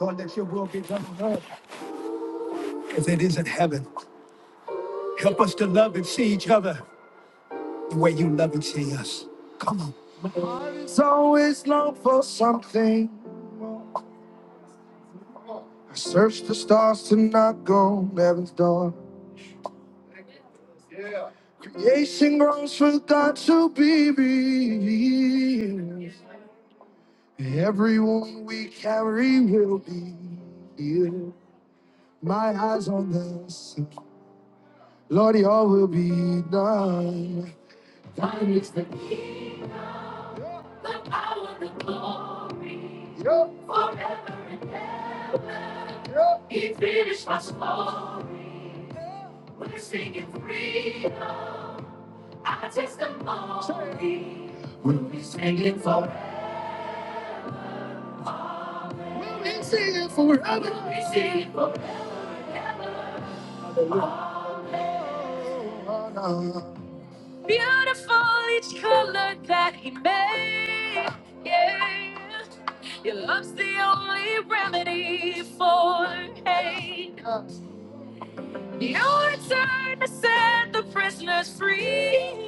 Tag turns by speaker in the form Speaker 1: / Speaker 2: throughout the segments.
Speaker 1: Lord, that your will be done on earth as it is in heaven. Help us to love and see each other the way you love and see us. So It's always long for something. I search the stars to not go on heaven's door. Creation groans for God to be revealed. Everyone we carry will be healed. My eyes on this, Lord, your will be done. Thine is the kingdom. The power, the glory, Yup, forever. yup. He finished my song. We're singing freedom. I testimony. Singing forever. We sing it forever. We sing forever. Oh, no. Beautiful each color that he made. Yeah. Your love's the only remedy for hate. Your turn to set the prisoners free.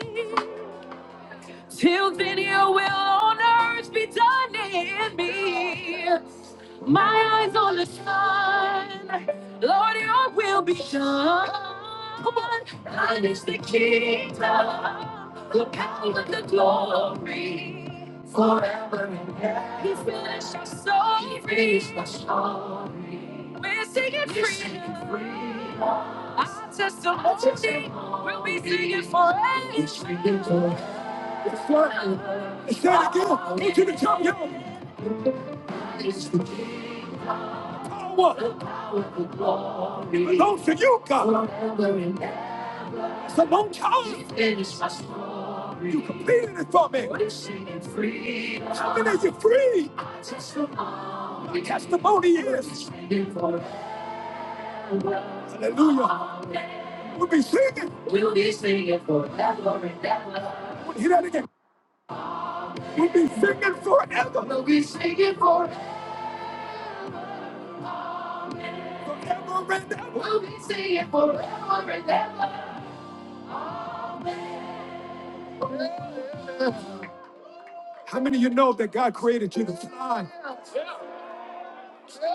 Speaker 1: Till then, your will on earth be done in me. My eyes on the sun, Lord, your will be done. Come on, thine is the kingdom, the power, the glory, forever. He's finished our soul. He raised us so We're singing freedom. Our testimony will be singing forever. It's forever. Say it again. Go to the top, y'all. Power. It belongs to you, God. It's a long time. You completed it for me. How many are you free? My testimony is. Hallelujah. We'll be singing. We'll be singing forever and ever. Hear that again. We'll be singing forever. Forever and ever. We'll be singing forever and ever. How many of you know that God created you to fly?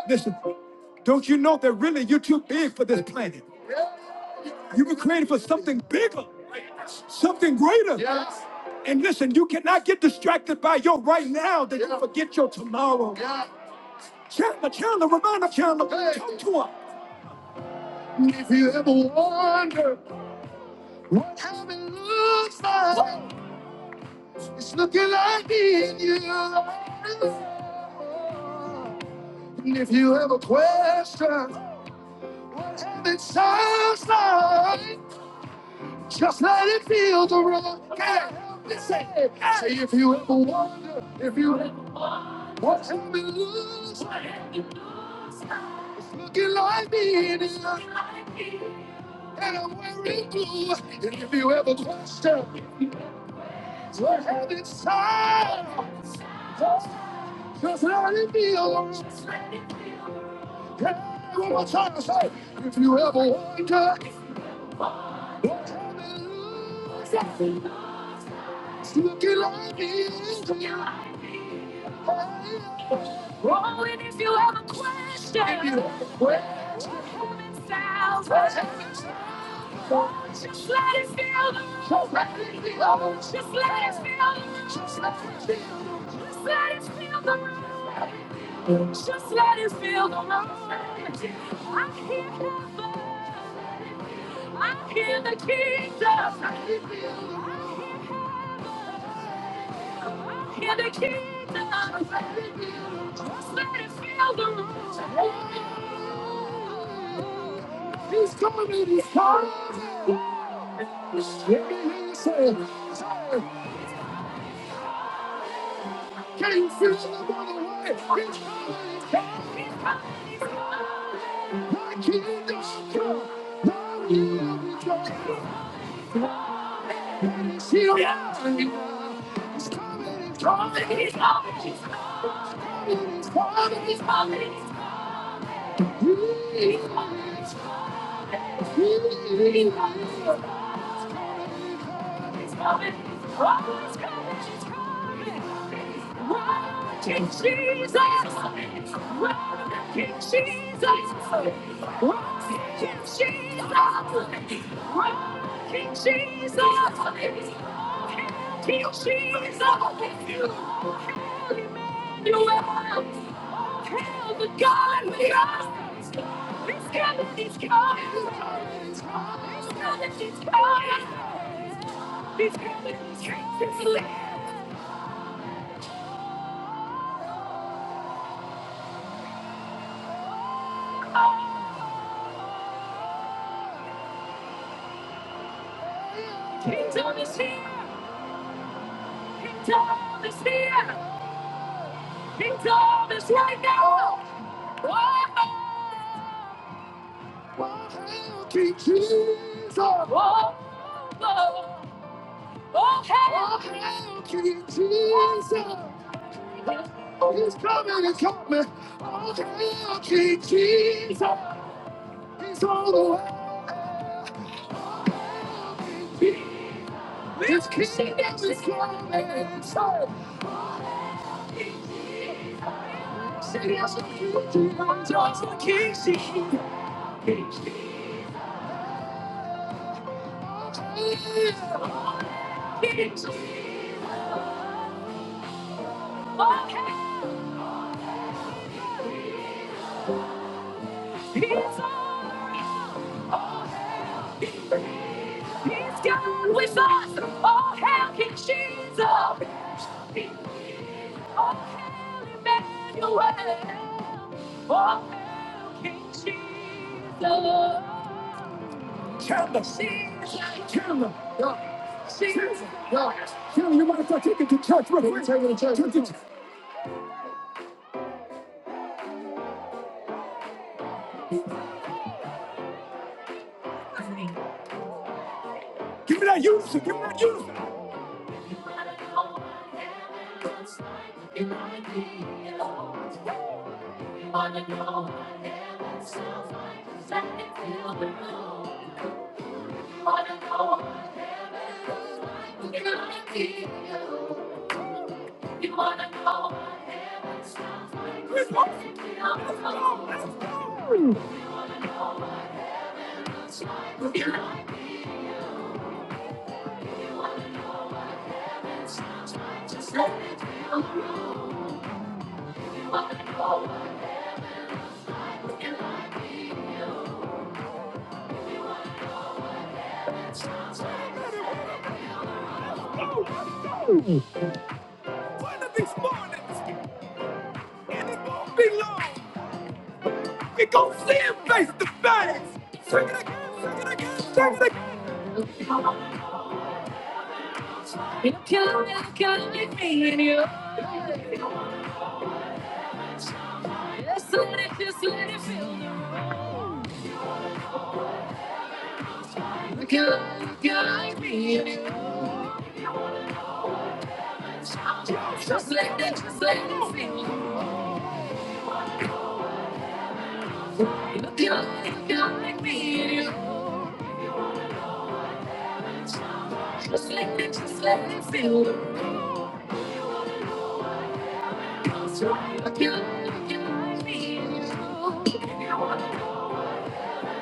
Speaker 1: Listen, don't you know that really you're too big for this planet? You were created for something bigger, something greater. Yes. And listen, you cannot get distracted by your right now that you Yeah. forget your tomorrow. Chandler, Chandler, remind her, Chandler. Hey. Talk to her. If you ever wonder what heaven looks like, it's looking like me and you. And if you ever question what heaven sounds like, just let it feel the room. Can't help it, say, it. say if you ever wonder, if you ever wonder what heaven looks like, it's looking like me and you. and I'm wearing blue. And if you ever question what heaven's time, just let it be alone. Hey, one more time, say, if you ever wonder what heaven looks like, looking like, is to Oh, and if you ever question, if you ever question, what heaven's sounds, what heaven's sounds, Just let it feel the Just let it feel the Just let it feel Just let it feel the room. Just let it feel the room. I hear heaven. I hear the kingdom. I hear the kingdom. Just let it feel the room. He's coming. He's coming. Let me hear you say, it. Can you feel the love of the way? He's coming, he's coming, he's coming, he's coming. My kingdom come, my will be done. And he's here yeah. He's coming, he's coming, he's coming, he's coming. He's coming, he's coming, he's coming. He's coming, he's coming. He's coming, he's coming. He's coming, he's coming. She's coming. Oh, she's coming. She's coming. Run, King Jesus. Run, King Jesus. Run, King Jesus. Run, King Jesus. King Jesus. Oh, hail Emmanuel. Oh, hail the God we are. He's coming. He's coming. He's coming. He's coming. he's coming. He's coming in the streets. It's Oh, Kingdom is here. Kingdom is here. Kingdom is right now. Whoa. Oh, King Jesus. Whoa. Whoa. Oh, hell. Oh, hell, King Jesus. He's coming, he's coming. Oh, hell, King Jesus. He's all the way. This kingdom is coming. He's gone with us. Oh, hell, King Jesus. Oh, Emmanuel. Oh, hell, King Jesus. Jesus. You might have to take it to church real quick. Take it to church. Give me that unison. Give me that unison. One of these mornings, and it won't be long. We gon' see him Face to face. Sing it again, sing it again, sing it again. You can look at me in your Just let it, just let it feel the You can look at me in your Just let it, just let it feel You can look at me in your Just let it, just let it feel the You can look at me in your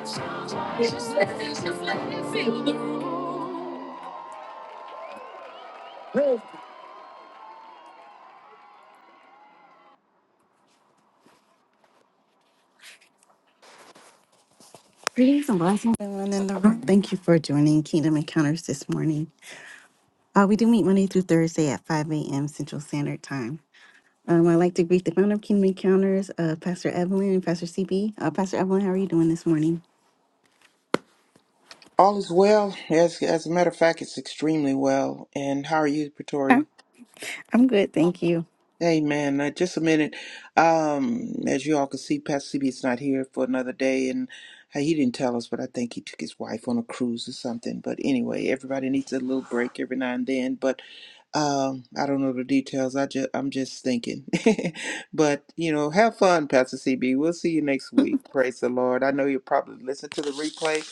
Speaker 1: Just let it, just let it feel Greetings and blessings, everyone in the room. Thank you for joining Kingdom Encounters this morning. Uh, we do meet Monday through Thursday at 5 a.m. Central Standard Time. Um, I'd like to greet the founder of Kingdom Encounters, uh, Pastor Evelyn and Pastor CB. Uh, Pastor Evelyn, how are you doing this morning?
Speaker 2: All is well. As as a matter of fact, it's extremely well. And how are you,
Speaker 1: I'm
Speaker 2: Pretoria?
Speaker 1: I'm good, thank you.
Speaker 2: Hey, man, uh, just a minute. Um, as you all can see, Pastor CB is not here for another day, and uh, he didn't tell us, but I think he took his wife on a cruise or something. But anyway, everybody needs a little break every now and then. But um, I don't know the details. I just I'm just thinking. but you know, have fun, Pastor CB. We'll see you next week. Praise the Lord. I know you'll probably listen to the replay,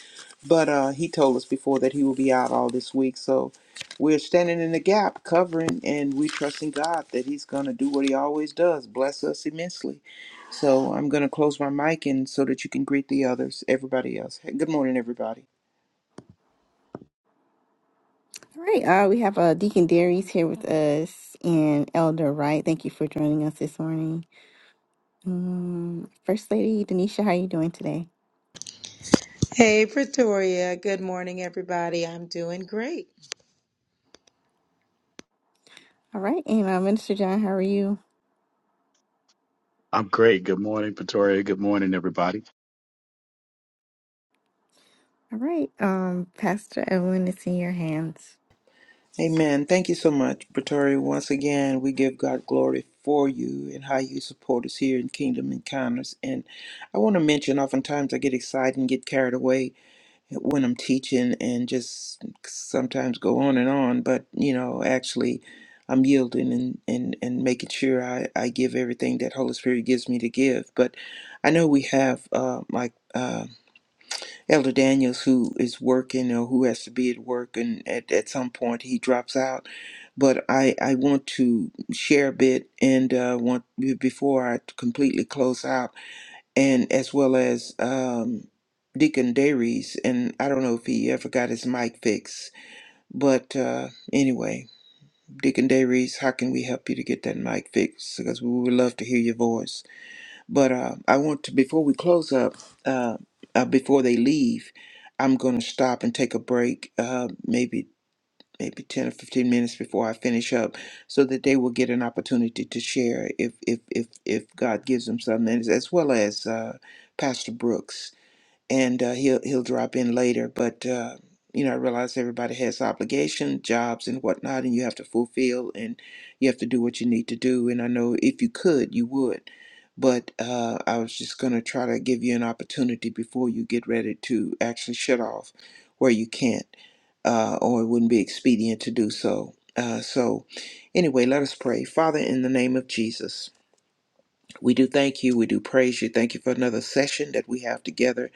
Speaker 2: but uh, he told us before that he will be out all this week. So we're standing in the gap, covering, and we trusting God that He's gonna do what He always does, bless us immensely. So I'm gonna close my mic and so that you can greet the others, everybody else. Hey, Good morning, everybody.
Speaker 1: All right, uh, we have uh, Deacon Darius here with us and Elder Wright. Thank you for joining us this morning. Um, First Lady Denisha, how are you doing today?
Speaker 3: Hey, Pretoria. Good morning, everybody. I'm doing great.
Speaker 1: All right, and uh, Minister John, how are you?
Speaker 4: I'm great. Good morning, Pretoria. Good morning, everybody.
Speaker 1: All right, um, Pastor Evelyn, it's in your hands.
Speaker 2: Amen. Thank you so much, Pretori. Once again, we give God glory for you and how you support us here in Kingdom Encounters. And I want to mention, oftentimes I get excited and get carried away when I'm teaching and just sometimes go on and on. But, you know, actually, I'm yielding and, and, and making sure I, I give everything that Holy Spirit gives me to give. But I know we have, uh, like, uh, Elder Daniels, who is working or who has to be at work, and at, at some point he drops out. But I, I want to share a bit and uh, want before I completely close out, and as well as um, Deacon Darius, and I don't know if he ever got his mic fixed, but uh, anyway, Deacon Darius, how can we help you to get that mic fixed? Because we would love to hear your voice. But uh, I want to, before we close up, uh, uh, before they leave, I'm going to stop and take a break, uh, maybe maybe 10 or 15 minutes before I finish up, so that they will get an opportunity to share if if if, if God gives them something, as as well as uh, Pastor Brooks and uh, he'll he'll drop in later. But uh, you know, I realize everybody has obligation, jobs, and whatnot, and you have to fulfill, and you have to do what you need to do. And I know if you could, you would. But uh, I was just gonna try to give you an opportunity before you get ready to actually shut off where you can't, uh, or it wouldn't be expedient to do so. Uh, so, anyway, let us pray. Father, in the name of Jesus. We do thank you. We do praise you. Thank you for another session that we have together.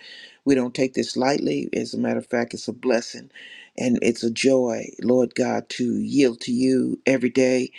Speaker 2: We don't take this lightly. As a matter of fact, it's a blessing and it's a joy, Lord God, to yield to you every day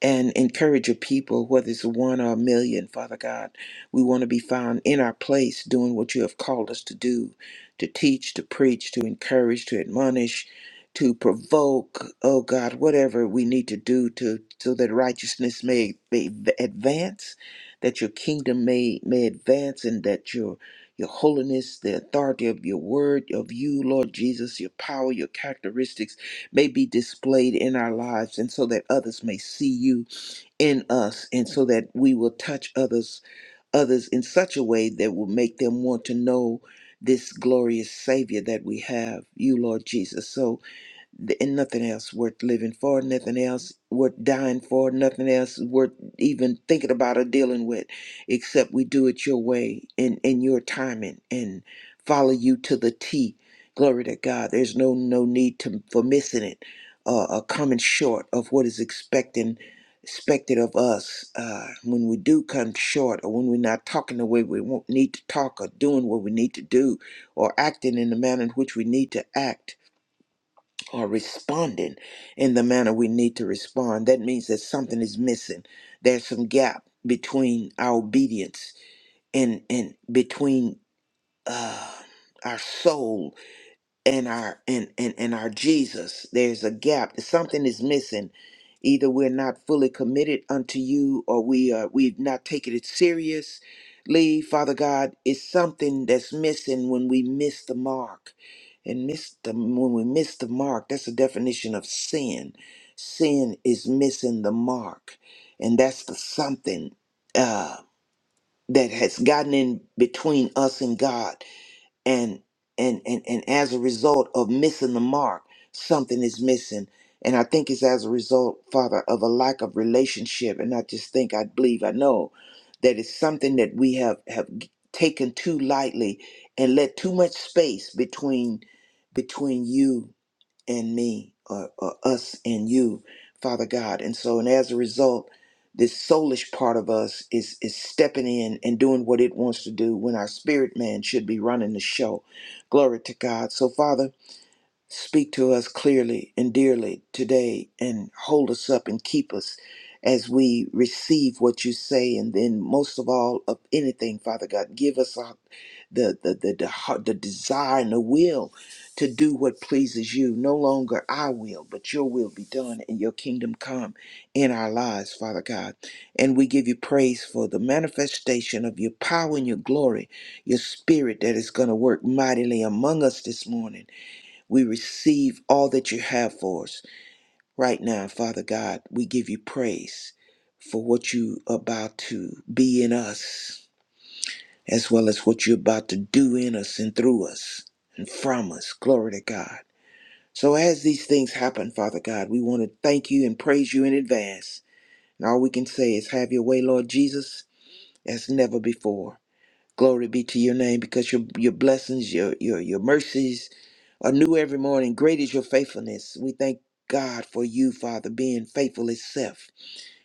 Speaker 2: and encourage your people, whether it's one or a million, Father God. We want to be found in our place doing what you have called us to do to teach, to preach, to encourage, to admonish, to provoke, oh God, whatever we need to do to so that righteousness may, may advance, that your kingdom may may advance and that your your holiness, the authority of your word, of you, Lord Jesus, your power, your characteristics may be displayed in our lives and so that others may see you in us and so that we will touch others others in such a way that will make them want to know this glorious savior that we have you lord jesus so th- and nothing else worth living for, nothing else worth dying for, nothing else worth even thinking about or dealing with, except we do it your way and in your timing and follow you to the T. Glory to God. There's no no need to for missing it, uh, or coming short of what is expecting expected of us uh, when we do come short or when we're not talking the way we want, need to talk or doing what we need to do or acting in the manner in which we need to act are responding in the manner we need to respond, that means that something is missing. There's some gap between our obedience and and between uh, our soul and our and and, and our jesus there's a gap something is missing either we're not fully committed unto you or we are we've not taken it seriously father god it's something that's missing when we miss the mark and miss the when we miss the mark that's the definition of sin sin is missing the mark and that's the something uh that has gotten in between us and god and and and and as a result of missing the mark something is missing and i think it's as a result father of a lack of relationship and i just think i believe i know that it's something that we have have taken too lightly and let too much space between between you and me or, or us and you father god and so and as a result this soulish part of us is is stepping in and doing what it wants to do when our spirit man should be running the show glory to god so father Speak to us clearly and dearly today and hold us up and keep us as we receive what you say. And then, most of all, of anything, Father God, give us a, the, the, the, the, heart- the desire and the will to do what pleases you. No longer our will, but your will be done and your kingdom come in our lives, Father God. And we give you praise for the manifestation of your power and your glory, your spirit that is going to work mightily among us this morning. We receive all that you have for us right now, Father God. We give you praise for what you about to be in us, as well as what you're about to do in us and through us and from us. Glory to God. So, as these things happen, Father God, we want to thank you and praise you in advance. And all we can say is, Have your way, Lord Jesus, as never before. Glory be to your name because your your blessings, your your your mercies are new every morning. Great is your faithfulness. We thank God for you, Father, being faithful itself.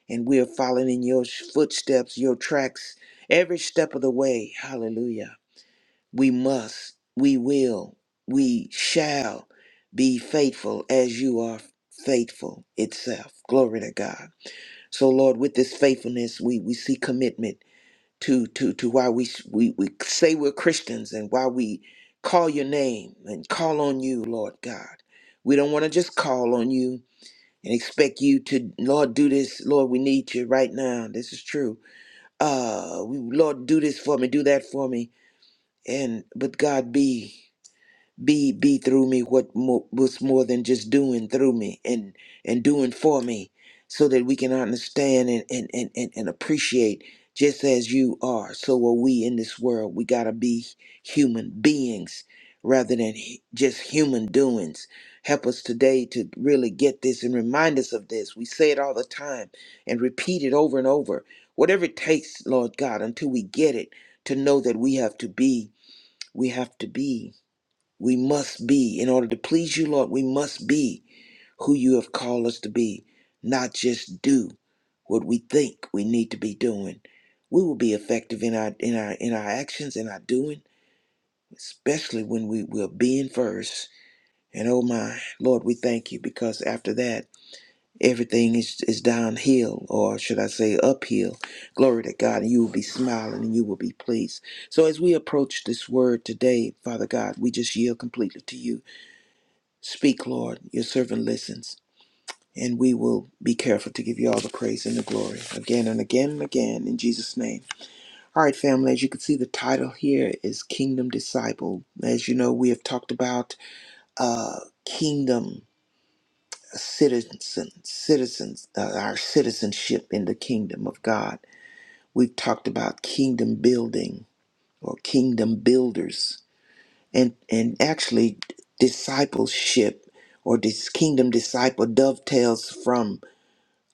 Speaker 2: And we are following in your footsteps, your tracks, every step of the way. Hallelujah. We must, we will, we shall be faithful as you are faithful itself. Glory to God. So Lord, with this faithfulness, we, we see commitment to to to why we we we say we're Christians and why we call your name and call on you, Lord God. We don't want to just call on you and expect you to Lord do this. Lord, we need you right now. This is true. Uh, we Lord do this for me, do that for me, and but God be be be through me what mo- was more than just doing through me and and doing for me so that we can understand and and and, and, and appreciate just as you are so are we in this world we got to be human beings rather than hu- just human doings help us today to really get this and remind us of this we say it all the time and repeat it over and over whatever it takes lord god until we get it to know that we have to be we have to be we must be, in order to please you, Lord, we must be who you have called us to be, not just do what we think we need to be doing. We will be effective in our in our in our actions and our doing, especially when we will be in first. And oh my Lord, we thank you because after that everything is, is downhill, or should I say uphill. Glory to God, and you will be smiling and you will be pleased. So as we approach this word today, Father God, we just yield completely to you. Speak, Lord, your servant listens, and we will be careful to give you all the praise and the glory again and again and again in Jesus' name. All right, family, as you can see, the title here is Kingdom Disciple. As you know, we have talked about uh, kingdom citizen, citizens, uh, our citizenship in the kingdom of God. We've talked about kingdom building or kingdom builders and and actually discipleship or this kingdom disciple dovetails from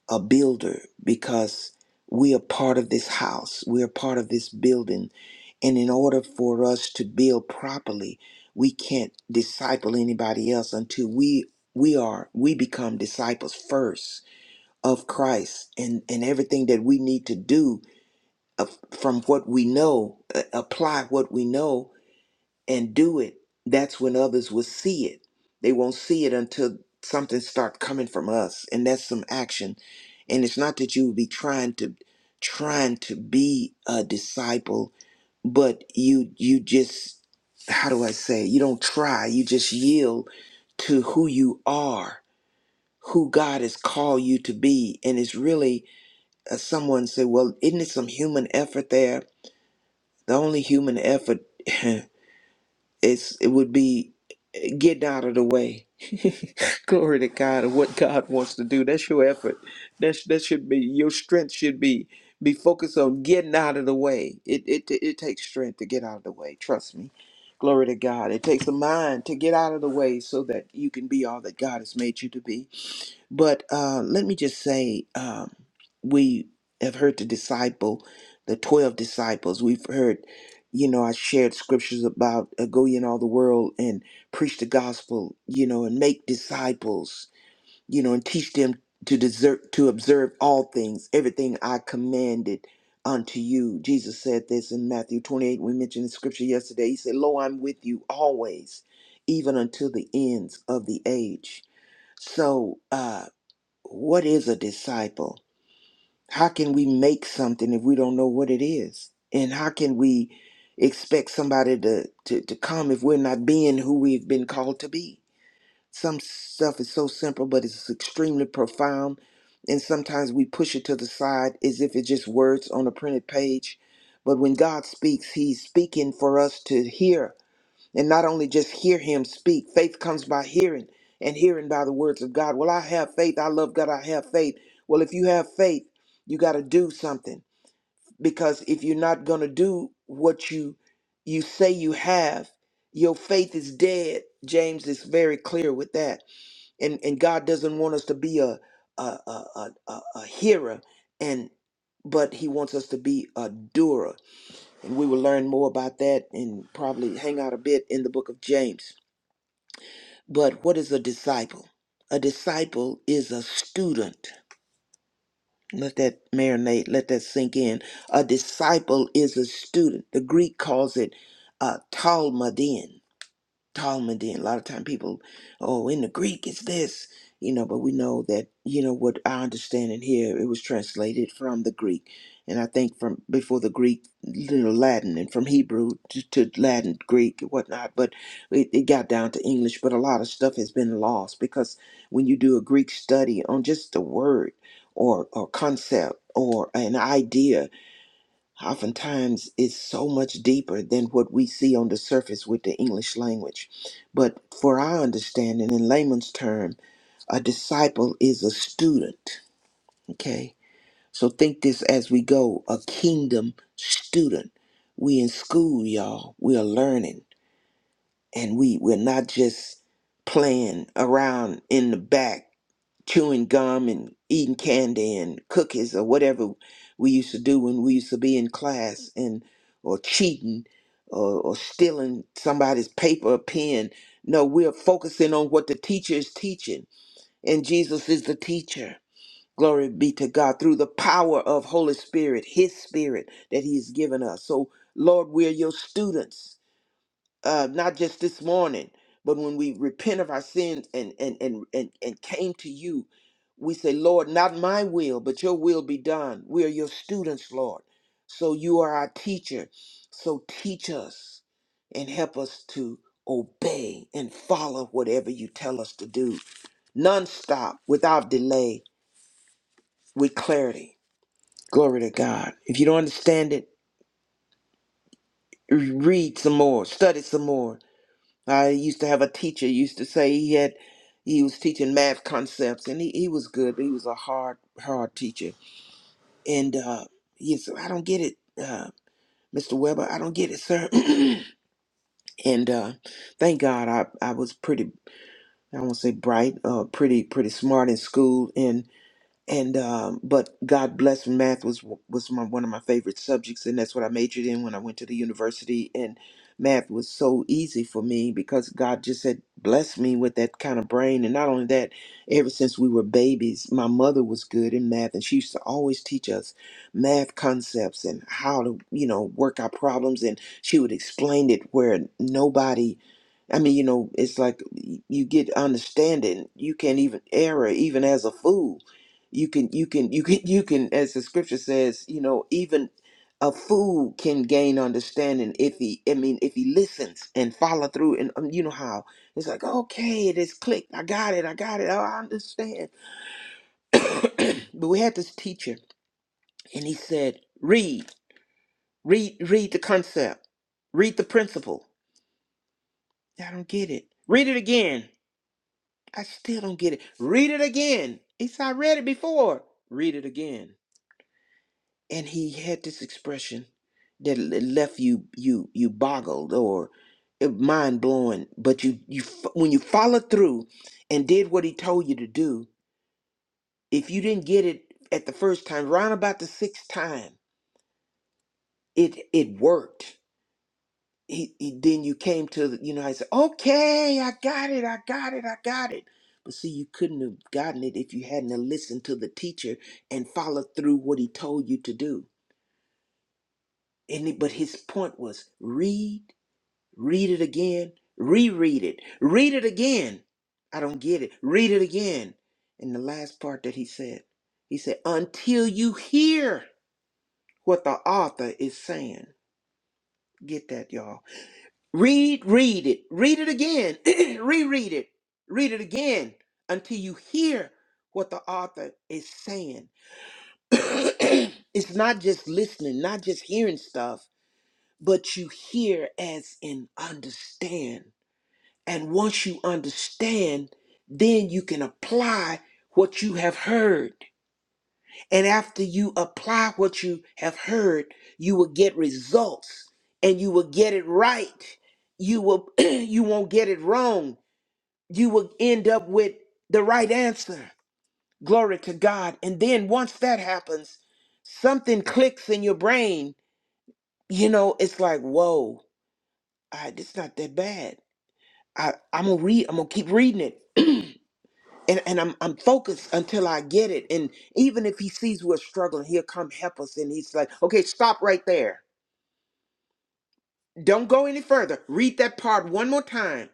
Speaker 2: a builder because we are part of this house we are part of this building and in order for us to build properly we can't disciple anybody else until we we are we become disciples first of christ and and everything that we need to do uh, from what we know uh, apply what we know and do it, that's when others will see it. They won't see it until something start coming from us, and that's some action. And it's not that you would be trying to trying to be a disciple, but you you just how do I say? it? You don't try. You just yield to who you are, who God has called you to be. And it's really uh, someone said, "Well, isn't it some human effort there?" The only human effort is it would be getting out of the way. Glory to God and what God wants to do. That's your effort. That's that should be your strength should be be focused on getting out of the way. It it it takes strength to get out of the way. Trust me. Glory to God. It takes a mind to get out of the way so that you can be all that God has made you to be. But uh, let me just say, um, we have heard the disciple, the 12 disciples. We've heard, you know, I shared scriptures about uh, go ye in all the world and preach the gospel, you know, and make disciples, you know, and teach them to desert, to observe all things, everything I commanded unto you. Jesus said this in Matthew 28. We mentioned the scripture yesterday. He said, Lo, I'm with you always, even until the ends of the age. So, uh, what is a disciple? How can we make something if we don't know what it is? And how can we expect somebody to, to, to come if we're not being who we've been called to be? Some stuff is so simple, but it's extremely profound. And sometimes we push it to the side as if it's just words on a printed page. But when God speaks, He's speaking for us to hear and not only just hear him speak. Faith comes by hearing, and hearing by the words of God. Well, I have faith. I love God. I have faith. Well, if you have faith, you got to do something because if you're not going to do what you you say you have, your faith is dead. James is very clear with that, and and God doesn't want us to be a a a, a, a a hearer and but he wants us to be a doer and we will learn more about that and probably hang out a bit in the book of james but what is a disciple? A disciple is a student. Let that marinate, let that sink in. A disciple is a student. The Greek calls it uh, Talmudin. Talmudim. A lot of time people, oh, in the Greek it's this, you know, but we know that, you know, what our understanding here, it was translated from the Greek. And I think from before the Greek, you know, Latin and from Hebrew to, to Latin, Greek and whatnot, but it, it got down to English. But a lot of stuff has been lost because when you do a Greek study on just a word or, or concept or an idea, oftentimes it's so much deeper than what we see on the surface with the English language. But for our understanding, in layman's term, a disciple is a student. Okay, so think this as we go: a kingdom student. We in school, y'all. We are learning, and we we're not just playing around in the back chewing gum and eating candy and cookies or whatever we used to do when we used to be in class and or cheating or, or stealing somebody's paper or pen. No, we're focusing on what the teacher is teaching. And Jesus is the teacher. Glory be to God through the power of Holy Spirit, His Spirit that He has given us. So, Lord, we're your students uh, not just this morning, but when we repent of our sins and and and and, and came to you, we say, Lord, not my will, but your will be done. We are your students, Lord. So you are our teacher. So teach us and help us to obey and follow whatever you tell us to do, nonstop, without delay, with clarity. Glory to God. If you don't understand it, read some more, study some more, I used to have a teacher used to say he had he was teaching math concepts and he, he was good, but he was a hard, hard teacher. And uh he said, I don't get it, uh, Mr. Weber, I don't get it, sir. and uh thank God I I was pretty I won't say bright, uh pretty pretty smart in school and and um, but God bless math was was my, one of my favorite subjects, and that's what I majored in when I went to the university. And math was so easy for me because God just had blessed me with that kind of brain. And not only that, ever since we were babies, my mother was good in math, and she used to always teach us math concepts and how to you know work our problems. And she would explain it where nobody I mean, you know, it's like you get understanding. You can't even error, even as a fool you can you can you can you can as the scripture says you know even a fool can gain understanding if he i mean if he listens and follow through and um, you know how it's like okay it is clicked i got it i got it oh, i understand but we had this teacher and he said read read read the concept read the principle i don't get it read it again i still don't get it read it again he said i read it before read it again and he had this expression that l- left you you you boggled or eh, mind blowing but you you f- when you followed through and did what he told you to do if you didn't get it at the first time round about the sixth time it it worked he, he- then you came to the, you know i said okay i got it i got it i got it but see you couldn't have gotten it if you hadn't have listened to the teacher and followed through what he told you to do and it, but his point was read Read it again. Reread it. Read it again. I don't get it. Read it again. And the last part that he said, he said, until you hear what the author is saying. Get that, y'all. Read, read it. Read it again. Reread it. Read it again until you hear what the author is saying. it's not just listening, not just hearing stuff, but you hear as in understand. And once you understand, then you can apply what you have heard. And after you apply what you have heard, you will get results and you will get it right. You will you won't get it wrong. You will end up with the right answer. Glory to God. And then once that happens, something clicks in your brain. You know, it's like, whoa, I, it's not that bad. I, I'm gonna read, I'm gonna keep reading it and, and I'm I'm focused until I get it. And even if he sees we're struggling, he'll come help us. And he's like, okay, stop right there. Don't go any further. Read that part one more time.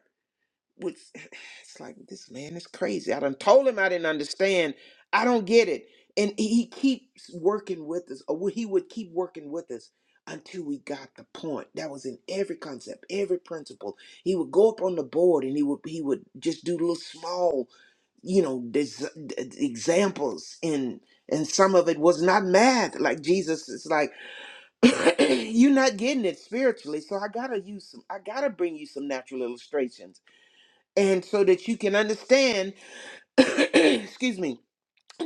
Speaker 2: Which it's like this man is crazy. I done told him I didn't understand. I don't get it. And he he keeps working with us, or he would keep working with us until we got the point. That was in every concept, every principle. He would go up on the board and he would he would just do little small you know des- examples and and some of it was not math like jesus is like you're not getting it spiritually so i gotta use some i gotta bring you some natural illustrations and so that you can understand excuse me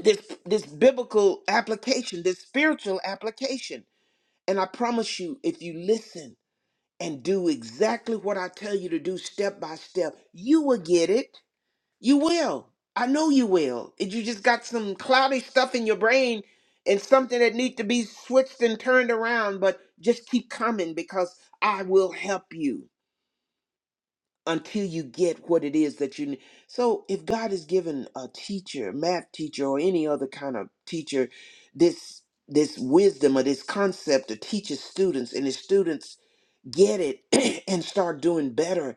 Speaker 2: this this biblical application this spiritual application and i promise you if you listen and do exactly what i tell you to do step by step you will get it you will. I know you will. If you just got some cloudy stuff in your brain and something that need to be switched and turned around, but just keep coming because I will help you until you get what it is that you need. So if God has given a teacher, math teacher or any other kind of teacher this this wisdom or this concept to teach his students and his students get it and start doing better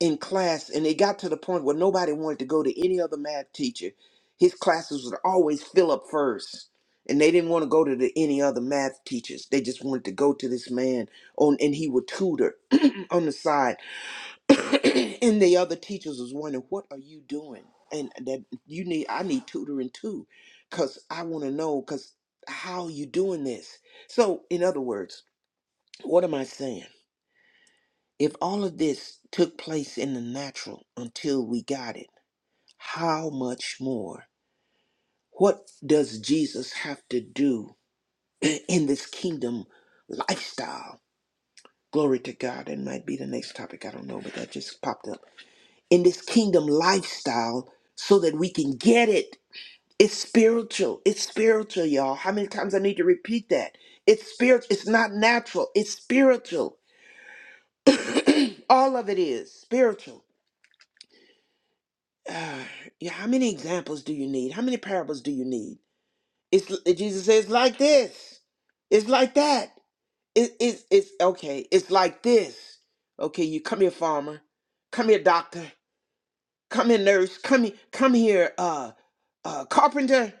Speaker 2: in class and it got to the point where nobody wanted to go to any other math teacher his classes would always fill up first and they didn't want to go to the, any other math teachers they just wanted to go to this man on and he would tutor on the side and the other teachers was wondering what are you doing and that you need i need tutoring too because i want to know because how you doing this so in other words what am i saying if all of this took place in the natural until we got it, how much more? What does Jesus have to do in this kingdom lifestyle? Glory to God. That might be the next topic. I don't know, but that just popped up. In this kingdom lifestyle, so that we can get it. It's spiritual. It's spiritual, y'all. How many times I need to repeat that? It's spiritual. It's not natural. It's spiritual. All of it is spiritual. uh, yeah, how many examples do you need? How many parables do you need? It's Jesus says like this. It's like that. It, it's it's okay. It's like this. Okay, you come here, farmer. Come here, doctor. Come here, nurse. Come here, come here, uh, uh, carpenter.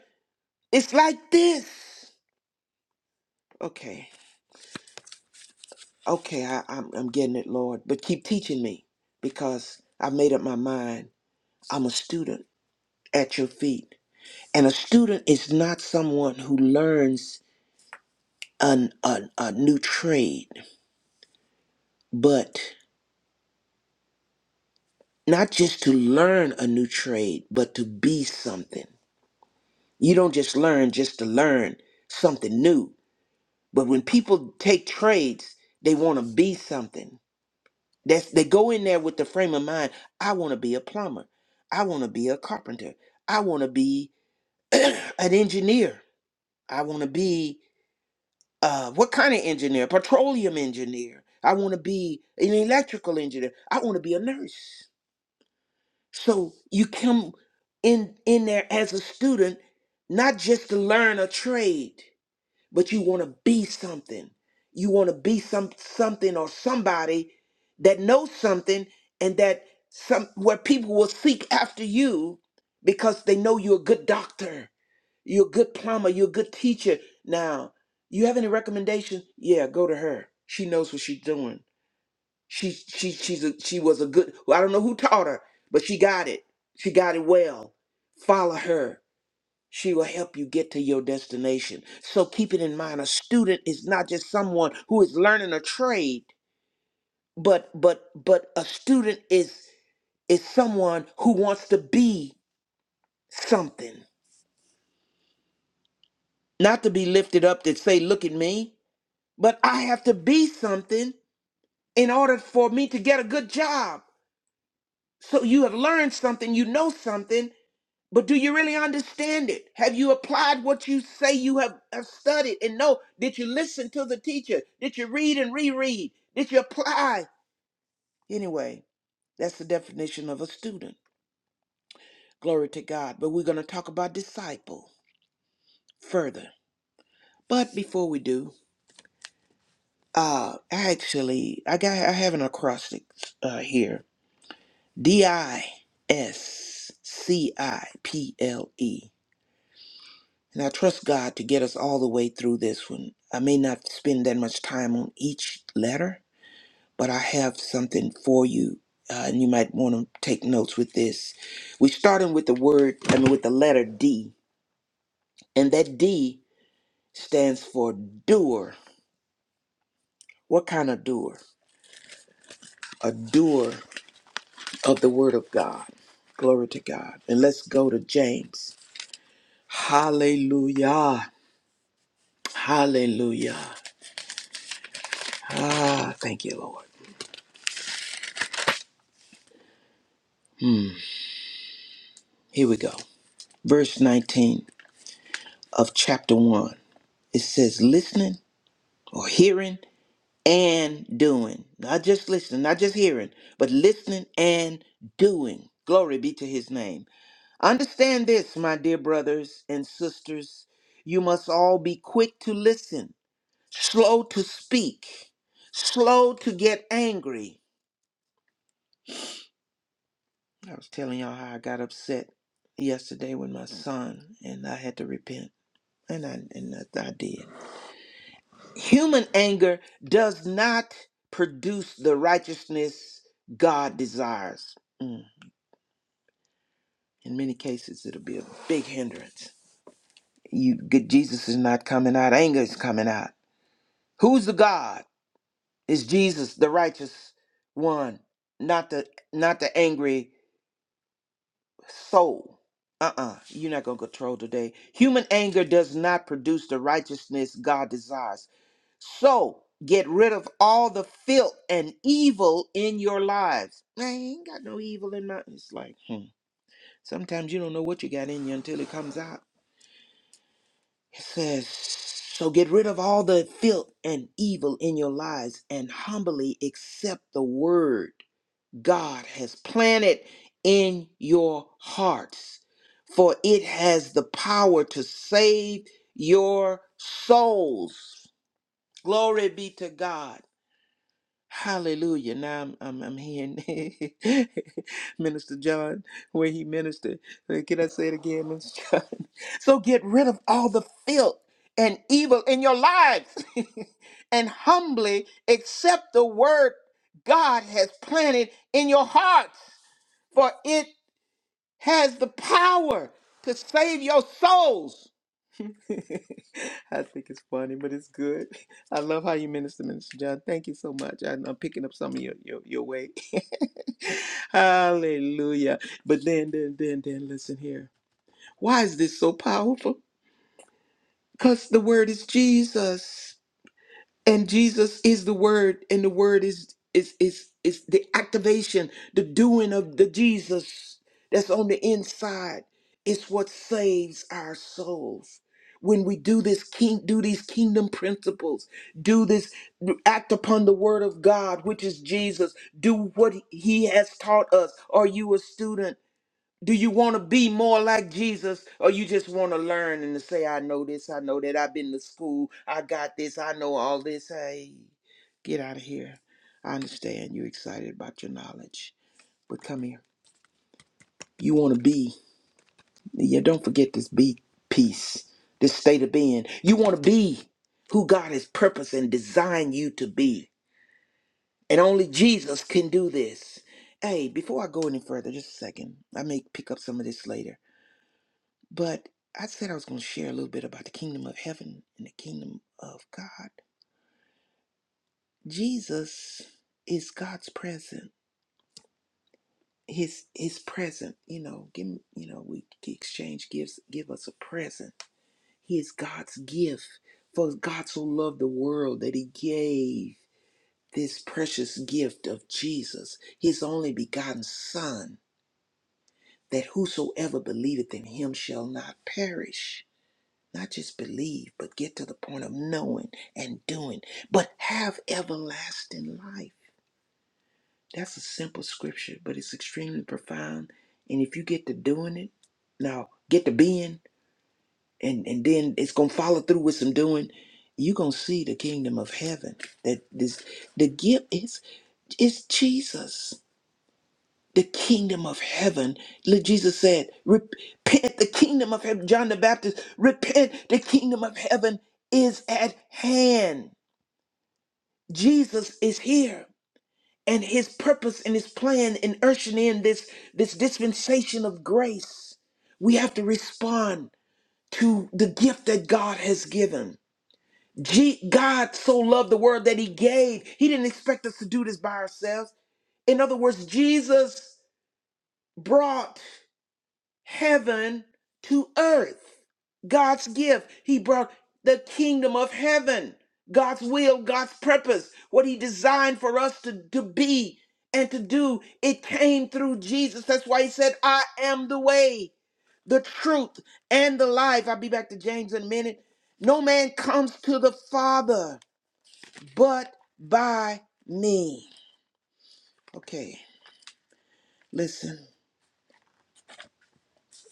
Speaker 2: It's like this. Okay, okay, I, I'm I'm getting it, Lord. But keep teaching me because I've made up my mind. I'm a student at your feet. And a student is not someone who learns an, a, a new trade, but not just to learn a new trade, but to be something. You don't just learn just to learn something new. But when people take trades, they want to be something. That's they go in there with the frame of mind, I want to be a plumber. I want to be a carpenter. I want to be an engineer. I want to be uh, what kind of engineer? Petroleum engineer. I want to be an electrical engineer. I want to be a nurse. So you come in in there as a student, not just to learn a trade, but you want to be something. You want to be some something or somebody that knows something and that some where people will seek after you because they know you're a good doctor, you're a good plumber, you're a good teacher. Now, you have any recommendations? Yeah, go to her. She knows what she's doing. She she she's a, she was a good. Well, I don't know who taught her, but she got it. She got it well. Follow her. She will help you get to your destination. So keep it in mind. A student is not just someone who is learning a trade, but but but a student is is someone who wants to be something, not to be lifted up to say, "Look at me." But I have to be something in order for me to get a good job. So you have learned something, you know something, But do you really understand it? Have you applied what you say you have, have studied and know? Did you listen to the teacher? Did you read and reread? Did you apply? Anyway, that's the definition of a student. Glory to God. But we're going to talk about disciple further. But before we do, uh, actually, I got I have an acrostic uh, here. D I S C I P L E. And I trust God to get us all the way through this one. I may not spend that much time on each letter, but I have something for you. Uh, and you might want to take notes with this. We're starting with the word, I mean, with the letter D. And that D stands for doer. What kind of doer? A doer of the word of God. Glory to God. And let's go to James. Hallelujah. Hallelujah. Ah, thank you, Lord. Here we go. verse 19 of chapter 1. It says, listening or hearing and doing. Not just listening, not just hearing, but listening and doing. Glory be to his name. Understand this, my dear brothers and sisters. You must all be quick to listen, slow to speak, slow to get angry. I was telling y'all how I got upset yesterday with my son, and I had to repent, and I and I, I did. Human anger does not produce the righteousness God desires. Mm. In many cases, it'll be a big hindrance. You, get Jesus is not coming out. Anger is coming out. Who's the God? Is Jesus the righteous one? Not the not the angry soul. Uh-uh. You're not gonna control today. Human anger does not produce the righteousness God desires. So get rid of all the filth and evil in your lives. Man, I ain't got no evil in my. It's like hmm. sometimes you don't know what you got in you until it comes out. It says, "So get rid of all the filth and evil in your lives, and humbly accept the word God has planted in your hearts, for it has the power to save your souls." Glory be to God. Hallelujah. Now I'm, I'm, I'm hearing Minister John, where he ministered. Uh, Can I say it again, Minister John? So get rid of all the filth and evil in your lives and humbly accept the word God has planted in your hearts, for it has the power to save your souls. I think it's funny, but it's good. I love how you minister, Minister John. Thank you so much. I, I'm picking up some of your your, your way. Hallelujah. But then, then, then, then, listen here. Why is this so powerful? Because the word is Jesus and Jesus is the word and the word is is is is the activation the doing of the Jesus that's on the inside it's what saves our souls when we do this king do these kingdom principles do this act upon the word of God which is Jesus do what he has taught us are you a student do you want to be more like Jesus or you just want to learn and to say, I know this, I know that, I've been to school, I got this, I know all this? Hey, get out of here. I understand you're excited about your knowledge, but come here. You want to be, yeah, don't forget this be peace, this state of being. You want to be who God has purposed and designed you to be. And only Jesus can do this. Hey, before I go any further, just a second, I may pick up some of this later. But I said I was going to share a little bit about the kingdom of heaven and the kingdom of God. Jesus is God's present. His his present, you know, give him- you know, we exchange gifts, give us a present. He is God's gift. For God so loved the world that he gave this precious gift of Jesus, his only begotten Son, that whosoever believeth in him shall not perish Not just believe, but get to the point of knowing and doing, but have everlasting life. That's a simple scripture, but it's extremely profound. And if you get to doing it, now get to being, and, and then it's going to follow through with some doing, you're going to see the kingdom of heaven. That this, the gift is, is Jesus the kingdom of heaven. Look, Jesus said, Repent, the kingdom of heaven. John the Baptist, repent, the kingdom of heaven is at hand. Jesus is here. And his purpose and his plan in ushering in this, this dispensation of grace, we have to respond to the gift that God has given. G- God so loved the world that he gave. He didn't expect us to do this by ourselves. In other words, Jesus brought heaven to earth. God's gift. He brought the kingdom of heaven, God's will, God's purpose, what He designed for us to, to be and to do. It came through Jesus. That's why He said, I am the way, the truth, and the life. I'll be back to James in a minute. No man comes to the Father but by me. Okay, listen.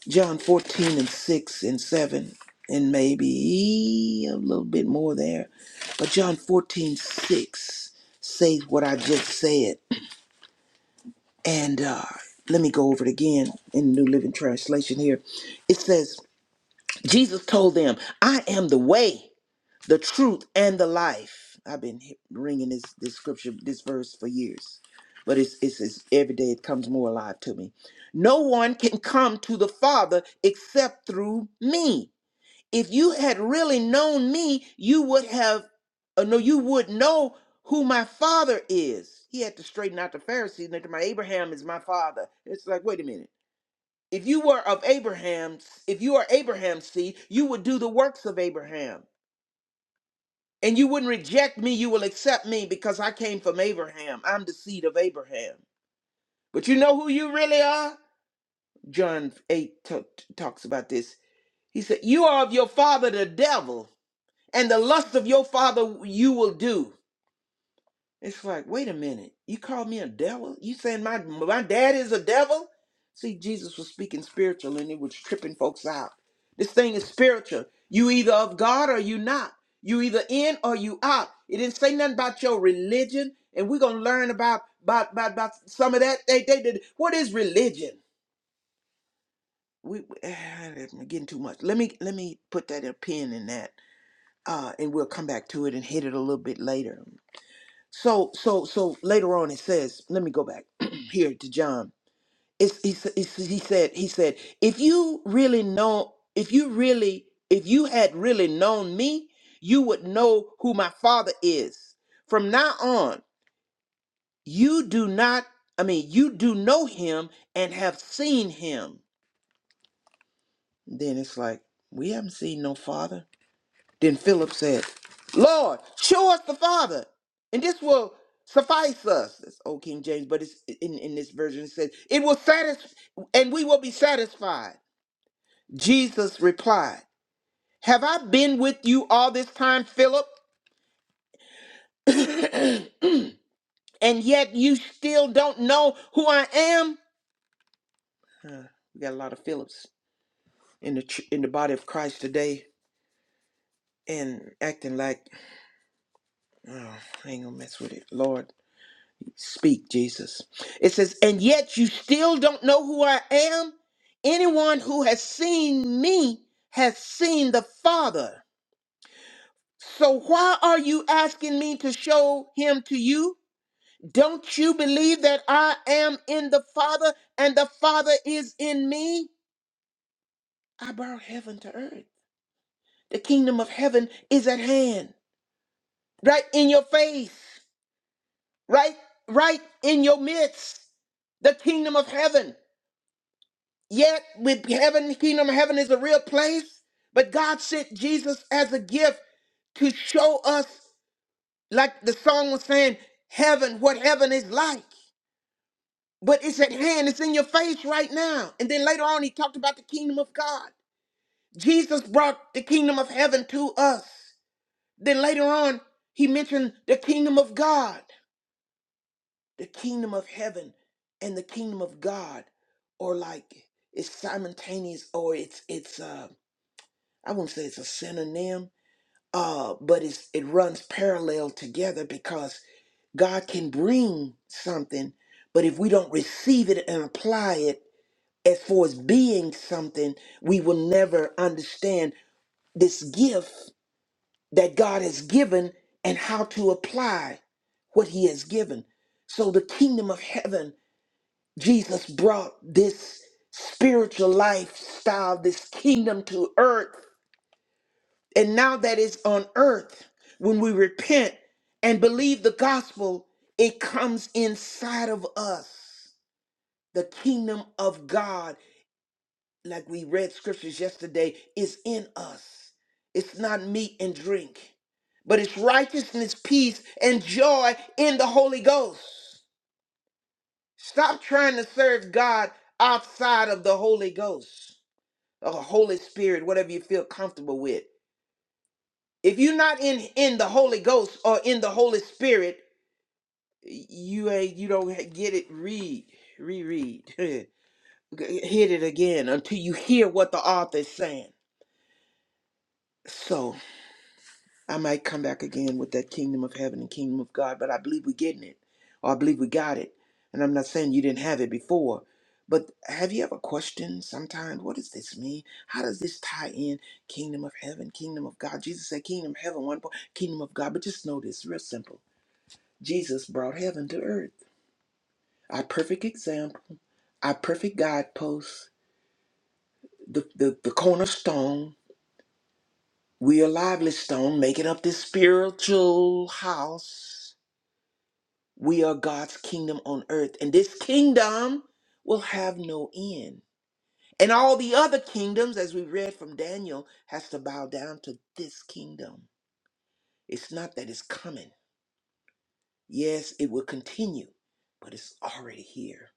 Speaker 2: John 14 and 6 and 7, and maybe a little bit more there. But John 14 6 says what I just said. And uh, let me go over it again in the New Living Translation here. It says, Jesus told them, I am the way, the truth, and the life. I've been he- ringing this, this scripture, this verse for years, but it's, it's, it's every day it comes more alive to me. No one can come to the Father except through me if you had really known me, you would have, uh, no, you would know who my father is. He had to straighten out the Pharisees. And my Abraham is my father. It's like, wait a minute. If you were of Abraham's, if you are Abraham's seed, you would do the works of Abraham. And you wouldn't reject me, you will accept me because I came from Abraham. I'm the seed of Abraham. But you know who you really are? John 8 t- t- talks about this. He said, You are of your father, the devil and the lust of your father you will do. It's like, wait a minute, you call me a devil? You saying my my dad is a devil? See, Jesus was speaking spiritual and it was tripping folks out. This thing is spiritual. You either of God or you not. You either in or you out. It didn't say nothing about your religion, and we're gonna learn about about about, about some of that. They they did. What is religion? We we- I'm getting too much. Let me let me put that a pin in that, uh, and we'll come back to it and hit it a little bit later. So so so later on it says, let me go back here to John. It's, he, s- he he said he said if you really know if you really if you had really known me, you would know who my father is. From now on, you do not I mean, you do know him and have seen him. Then it's like, we haven't seen no father. Then Philip said, Lord, show us the Father, and this will suffice us. That's old King James, but it's in, in this version it says, It will satisfy and we will be satisfied. Jesus replied, Have I been with you all this time, Philip? And yet you still don't know who I am? We got a lot of Philips in the ch- in the body of Christ today and acting like oh, I ain't gonna mess with it. Lord, Speak, Jesus. It says, And yet you still don't know who I am? Anyone who has seen me has seen the Father. So why are you asking me to show him to you? Don't you believe that I am in the Father and the Father is in me? I brought heaven to earth. The kingdom of heaven is at hand, right in your face, right, right in your midst. The kingdom of heaven. Yet with heaven, kingdom of heaven is a real place. But God sent Jesus as a gift to show us, like the song was saying, heaven, what heaven is like. But it's at hand, it's in your face right now. And then later on, he talked about the kingdom of God. Jesus brought the kingdom of heaven to us. Then later on, he mentioned the kingdom of God. The kingdom of heaven and the kingdom of God or like it's simultaneous or it's it's uh I won't say it's a synonym, uh, but it's it runs parallel together because God can bring something, but if we don't receive it and apply it as far as being something, we will never understand this gift that God has given and how to apply what He has given. So, the kingdom of heaven, Jesus brought this spiritual lifestyle, this kingdom to earth And now that it's on earth, when we repent and believe the gospel, it comes inside of us. The kingdom of God, like we read scriptures yesterday, is in us. It's not meat and drink, but it's righteousness, peace, and joy in the Holy Ghost. Stop trying to serve God outside of the Holy Ghost or Holy Spirit, whatever you feel comfortable with. If you're not in in the Holy Ghost or in the Holy Spirit, you ain't you don't get it. Read, reread, hit it again until you hear what the author is saying. So I might come back again with that kingdom of heaven and kingdom of God, but I believe we're getting it, or I believe we got it. And I'm not saying you didn't have it before, but have you ever questioned sometimes what does this mean? How does this tie in kingdom of heaven, kingdom of God? Jesus said kingdom of heaven one point, kingdom of God. But just know this, real simple. Jesus brought heaven to earth. Our perfect example, our perfect guidepost, the, the, the cornerstone. We are lively stone, making up this spiritual house. We are God's kingdom on earth, and this kingdom will have no end. And all the other kingdoms, as we read from Daniel, has to bow down to this kingdom. It's not that it's coming. Yes, it will continue, but it's already here.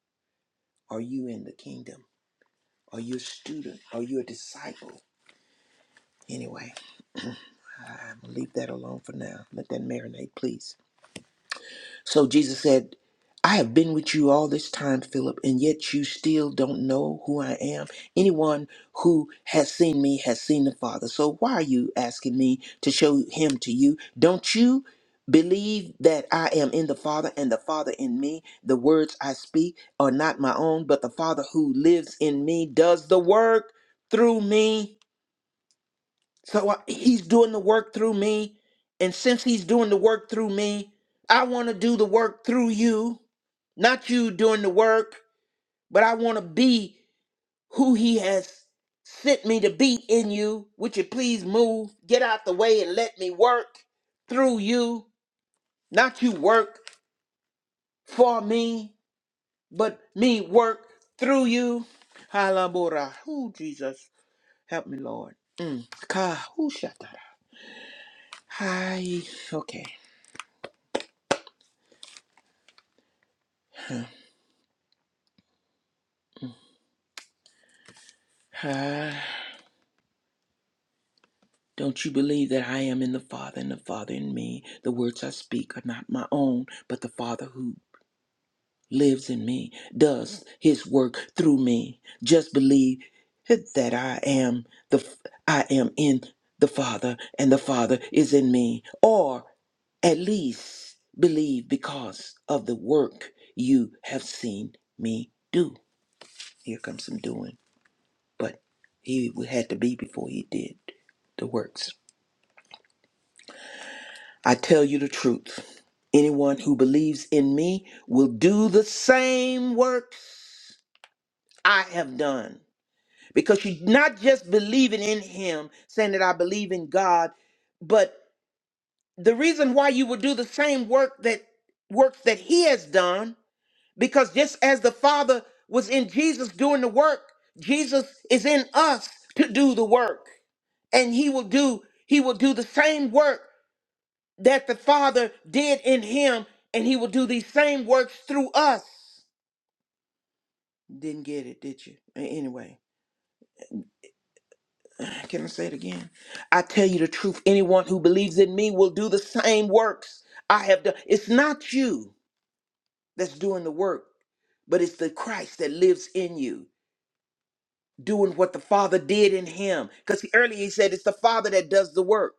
Speaker 2: Are you in the kingdom? Are you a student? Are you a disciple? Anyway, I'm gonna leave that alone for now. Let that marinate, please. So Jesus said, I have been with you all this time, Philip, and yet you still don't know who I am. Anyone who has seen me has seen the Father. So why are you asking me to show him to you? Don't you believe that I am in the Father and the Father in me? The words I speak are not my own, but the Father who lives in me does the work through me. So I, he's doing the work through me. And since he's doing the work through me, I want to do the work through you, not you doing the work, but I want to be who he has sent me to be in you. Would you please move, get out the way, and let me work through you, not you work for me, but me work through you. Halabora. Oh, Jesus. Help me, Lord. Mm. Ka. Ooh, shut that up. Hi. Okay. Ah, Don't you believe that I am in the Father and the Father in me? The words I speak are not my own, but the Father who lives in me does his work through me. Just believe that I am the I am in the Father and the Father is in me. Or at least believe because of the work you have seen me do. Here comes some doing, but he had to be before he did the works. I tell you the truth. Anyone who believes in me will do the same works I have done. Because you're not just believing in him, saying that I believe in God, but the reason why you would do the same work that works that he has done, because just as the Father was in Jesus doing the work, Jesus is in us to do the work. And he will do, he will do the same work that the Father did in him, and he will do these same works through us. Didn't get it, did you? A- Anyway, can I say it again? I tell you the truth, anyone who believes in me will do the same works I have done. It's not you that's doing the work, but it's the Christ that lives in you, doing what the Father did in him. Because earlier he said it's the Father that does the work.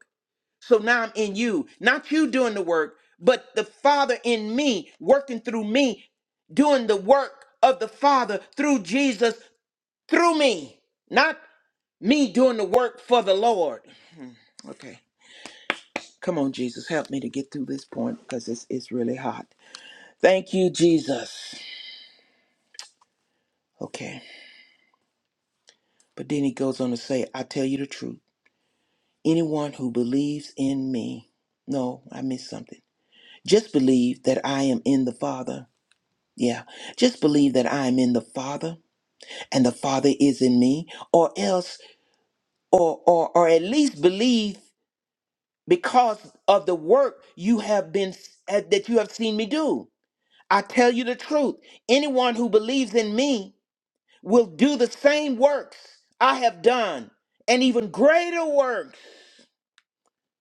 Speaker 2: So now I'm in you, not you doing the work, but the Father in me, working through me, doing the work of the Father through Jesus, through me, not me doing the work for the Lord. Okay, come on, Jesus, help me to get through this point because it's, it's really hot. Thank you, Jesus. Okay, but then he goes on to say, I tell you the truth. Anyone who believes in me, no, I missed something. Just believe that I am in the Father Yeah. Just believe that I am in the Father and the Father is in me, or else, or or or at least believe because of the work you have been uh, that you have seen me do. I tell you the truth. Anyone who believes in me will do the same works I have done, and even greater works,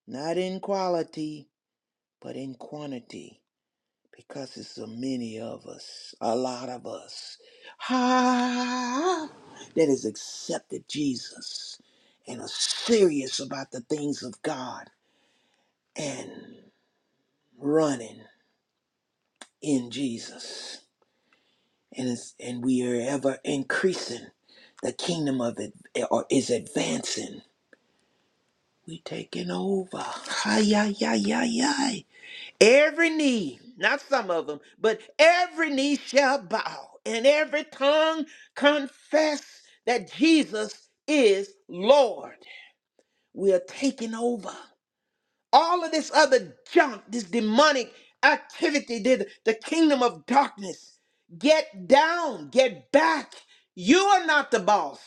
Speaker 2: not in quality, but in quantity. because it's so many of us, a lot of us, ah, that has accepted Jesus and are serious about the things of God and running in Jesus. And, it's, and we are ever increasing. The kingdom of it or is advancing. We taking over. Hi, yi, yi, yi, yi. Every knee, not some of them, but every knee shall bow and every tongue confess that Jesus is Lord. We are taking over. All of this other junk, this demonic activity, the, the kingdom of darkness. Get down, get back. You are not the boss.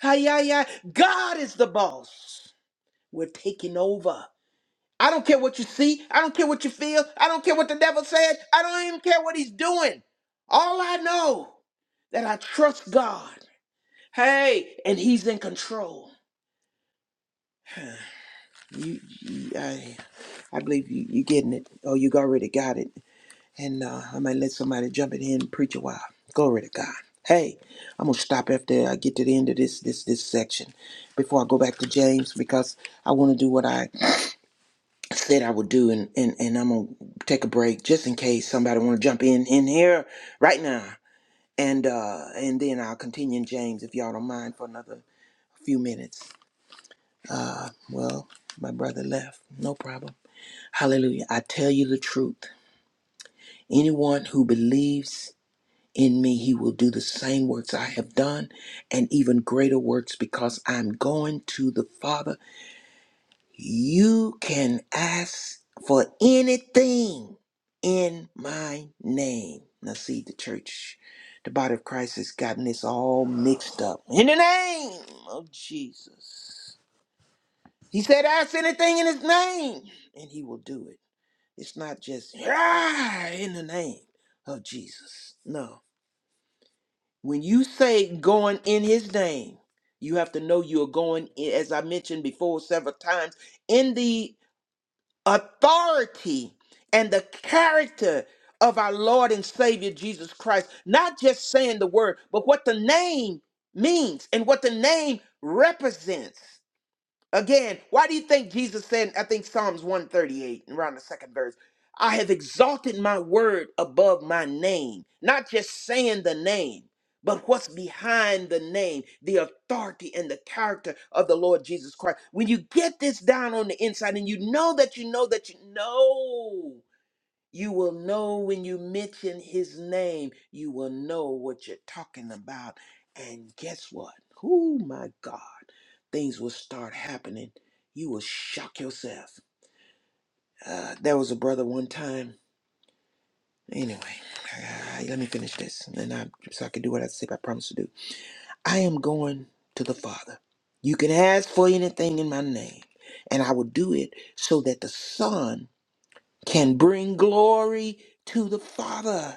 Speaker 2: Hi, hi, hi. God is the boss. We're taking over. I don't care what you see. I don't care what you feel. I don't care what the devil said. I don't even care what he's doing. All I know that I trust God. Hey, and he's in control. You, you I, I believe you, you getting it. Oh, you already got it. And uh, I might let somebody jump in here and preach a while. Glory to God. Hey, I'm gonna stop after I get to the end of this this this section before I go back to James because I want to do what I said I would do, and and and I'm gonna take a break just in case somebody want to jump in in here right now, and uh and then I'll continue in James if y'all don't mind for another few minutes. Uh, well, my brother left, no problem. Hallelujah! I tell you the truth. Anyone who believes in me, he will do the same works I have done, and even greater works because I'm going to the Father You can ask for anything in my name. Now, see, the church, the body of Christ has gotten this all mixed up. In the name of Jesus. He said, Ask anything in his name, and he will do it. It's not just, "Ah, in the name of Jesus. No. When you say going in his name, you have to know you're going, in- as I mentioned before several times, in the authority and the character of our Lord and Savior Jesus Christ, not just saying the word, but what the name means and what the name represents. Again, why do you think Jesus said, I think Psalms 138, around the second verse, I have exalted my word above my name, not just saying the name, but what's behind the name, the authority and the character of the Lord Jesus Christ. When you get this down on the inside and you know that you know that you know you will know when you mention his name, you will know what you're talking about. And guess what? Oh my God, things will start happening. You will shock yourself. Uh, there was a brother one time. Anyway, uh, let me finish this, and then I, so I can do what I said I promised to do. I am going to the Father. You can ask for anything in my name, and I will do it so that the Son can bring glory to the Father.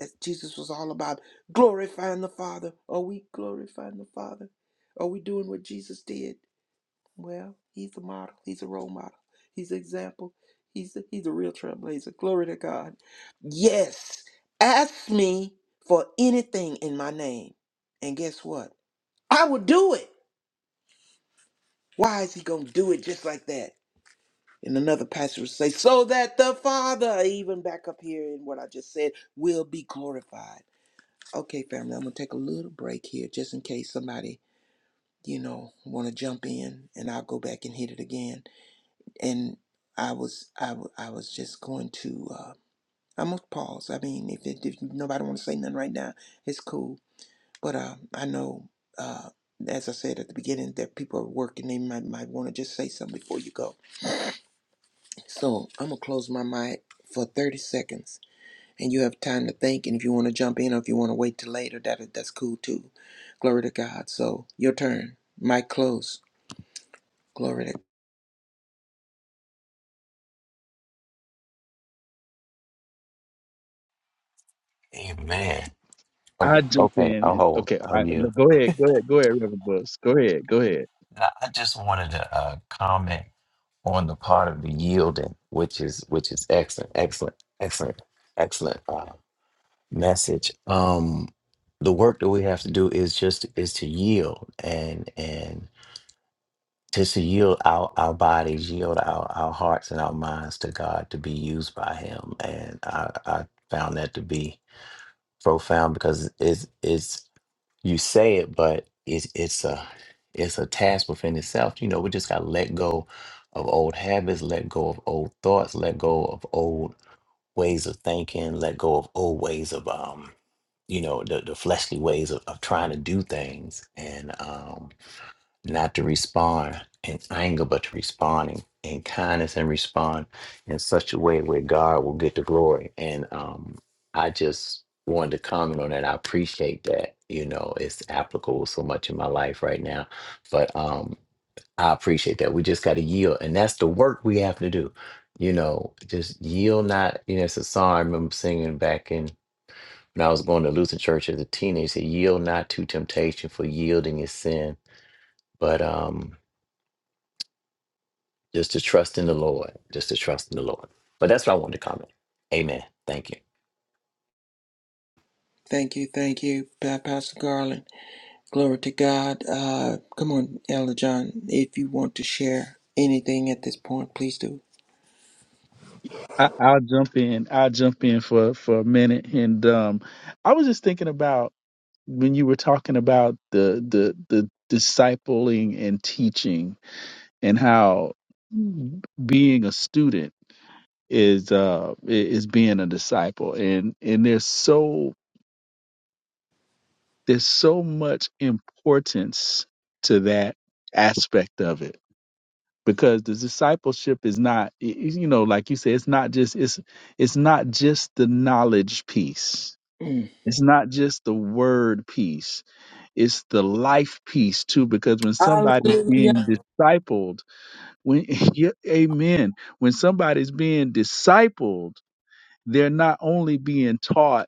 Speaker 2: That Jesus was all about glorifying the Father. Are we glorifying the Father? Are we doing what Jesus did? Well, he's a model. He's a role model. He's an example. He's a, he's a real trailblazer. Glory to God. Yes, ask me for anything in my name. And guess what? I will do it. Why is he going to do it just like that? And another pastor would say, so that the Father, even back up here in what I just said, will be glorified. Okay, family, I'm gonna take a little break here just in case somebody, you know, wanna jump in and I'll go back and hit it again. And I was I, w- I was just going to uh I'm gonna pause. I mean if it, if nobody wanna say nothing right now, it's cool. But uh I know uh as I said at the beginning that people are working, they might might wanna just say something before you go. So I'm gonna close my mic for thirty seconds. and you have time to think. And if you want to jump in or if you want to wait till later, that that's cool too. Glory to God. So your turn. Mic close. Glory to
Speaker 5: Amen. Oh,
Speaker 4: i jump
Speaker 5: okay.
Speaker 4: in.
Speaker 5: I'll hold.
Speaker 4: Okay,
Speaker 5: I'll
Speaker 4: I,
Speaker 5: yield.
Speaker 4: go ahead, go ahead, go ahead, Reverend Books. Go ahead, go ahead.
Speaker 5: Now, I just wanted to uh, comment on the part of the yielding, which is which is excellent, excellent, excellent, excellent uh, message. Um, the work that we have to do is just is to yield and and just to yield our our bodies, yield our our hearts and our minds to God to be used by Him. And I I found that to be profound because it's it's. you say it, but it's it's a it's a task within itself. You know, we just gotta let go of old habits, let go of old thoughts, let go of old ways of thinking, let go of old ways of um, you know, the, the fleshly ways of, of trying to do things. And um not to respond in anger, but to respond in, in kindness and respond in such a way where God will get the glory. And um, I just wanted to comment on that. I appreciate that. You know, it's applicable so much in my life right now. But um, I appreciate that. We just got to yield. And that's the work we have to do. You know, just yield not. You know, it's a song I remember singing back in when I was going to Lutheran church as a teenager. It said, yield not to temptation, for yielding is sin. But um, Just to trust in the Lord. Just to trust in the Lord. But that's what I wanted to comment. Amen. Thank you.
Speaker 2: Thank you, thank you, Pa- Pastor Garland. Glory to God. Uh, come on, Elder John. If you want to share anything at this point, please do.
Speaker 4: I, I'll jump in. I'll jump in for for a minute. And um, I was just thinking about when you were talking about the the the discipling and teaching, and how being a student is uh i- is being a disciple. And and there's so there's so much importance to that aspect of it because the discipleship is not y- y- you know like you say it's not just it's it's not just the knowledge piece
Speaker 2: Mm,
Speaker 4: it's not just the word piece it's the life piece too because when somebody's
Speaker 2: Hallelujah.
Speaker 4: being discipled when yeah, amen when somebody's being discipled they're not only being taught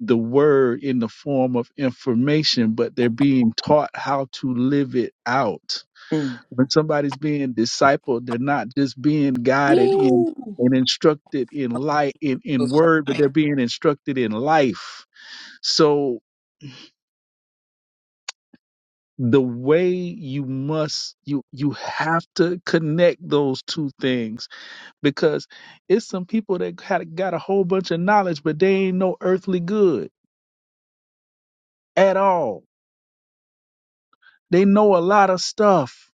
Speaker 4: the word in the form of information, but they're being taught how to live it out.
Speaker 2: mm.
Speaker 4: When somebody's being discipled, they're not just being guided in
Speaker 2: Woo.
Speaker 4: and instructed in light in, in word, but they're being instructed in life. So the way you must you you have to connect those two things because it's some people that had, got a whole bunch of knowledge, but they ain't no earthly good at all. They know a lot of stuff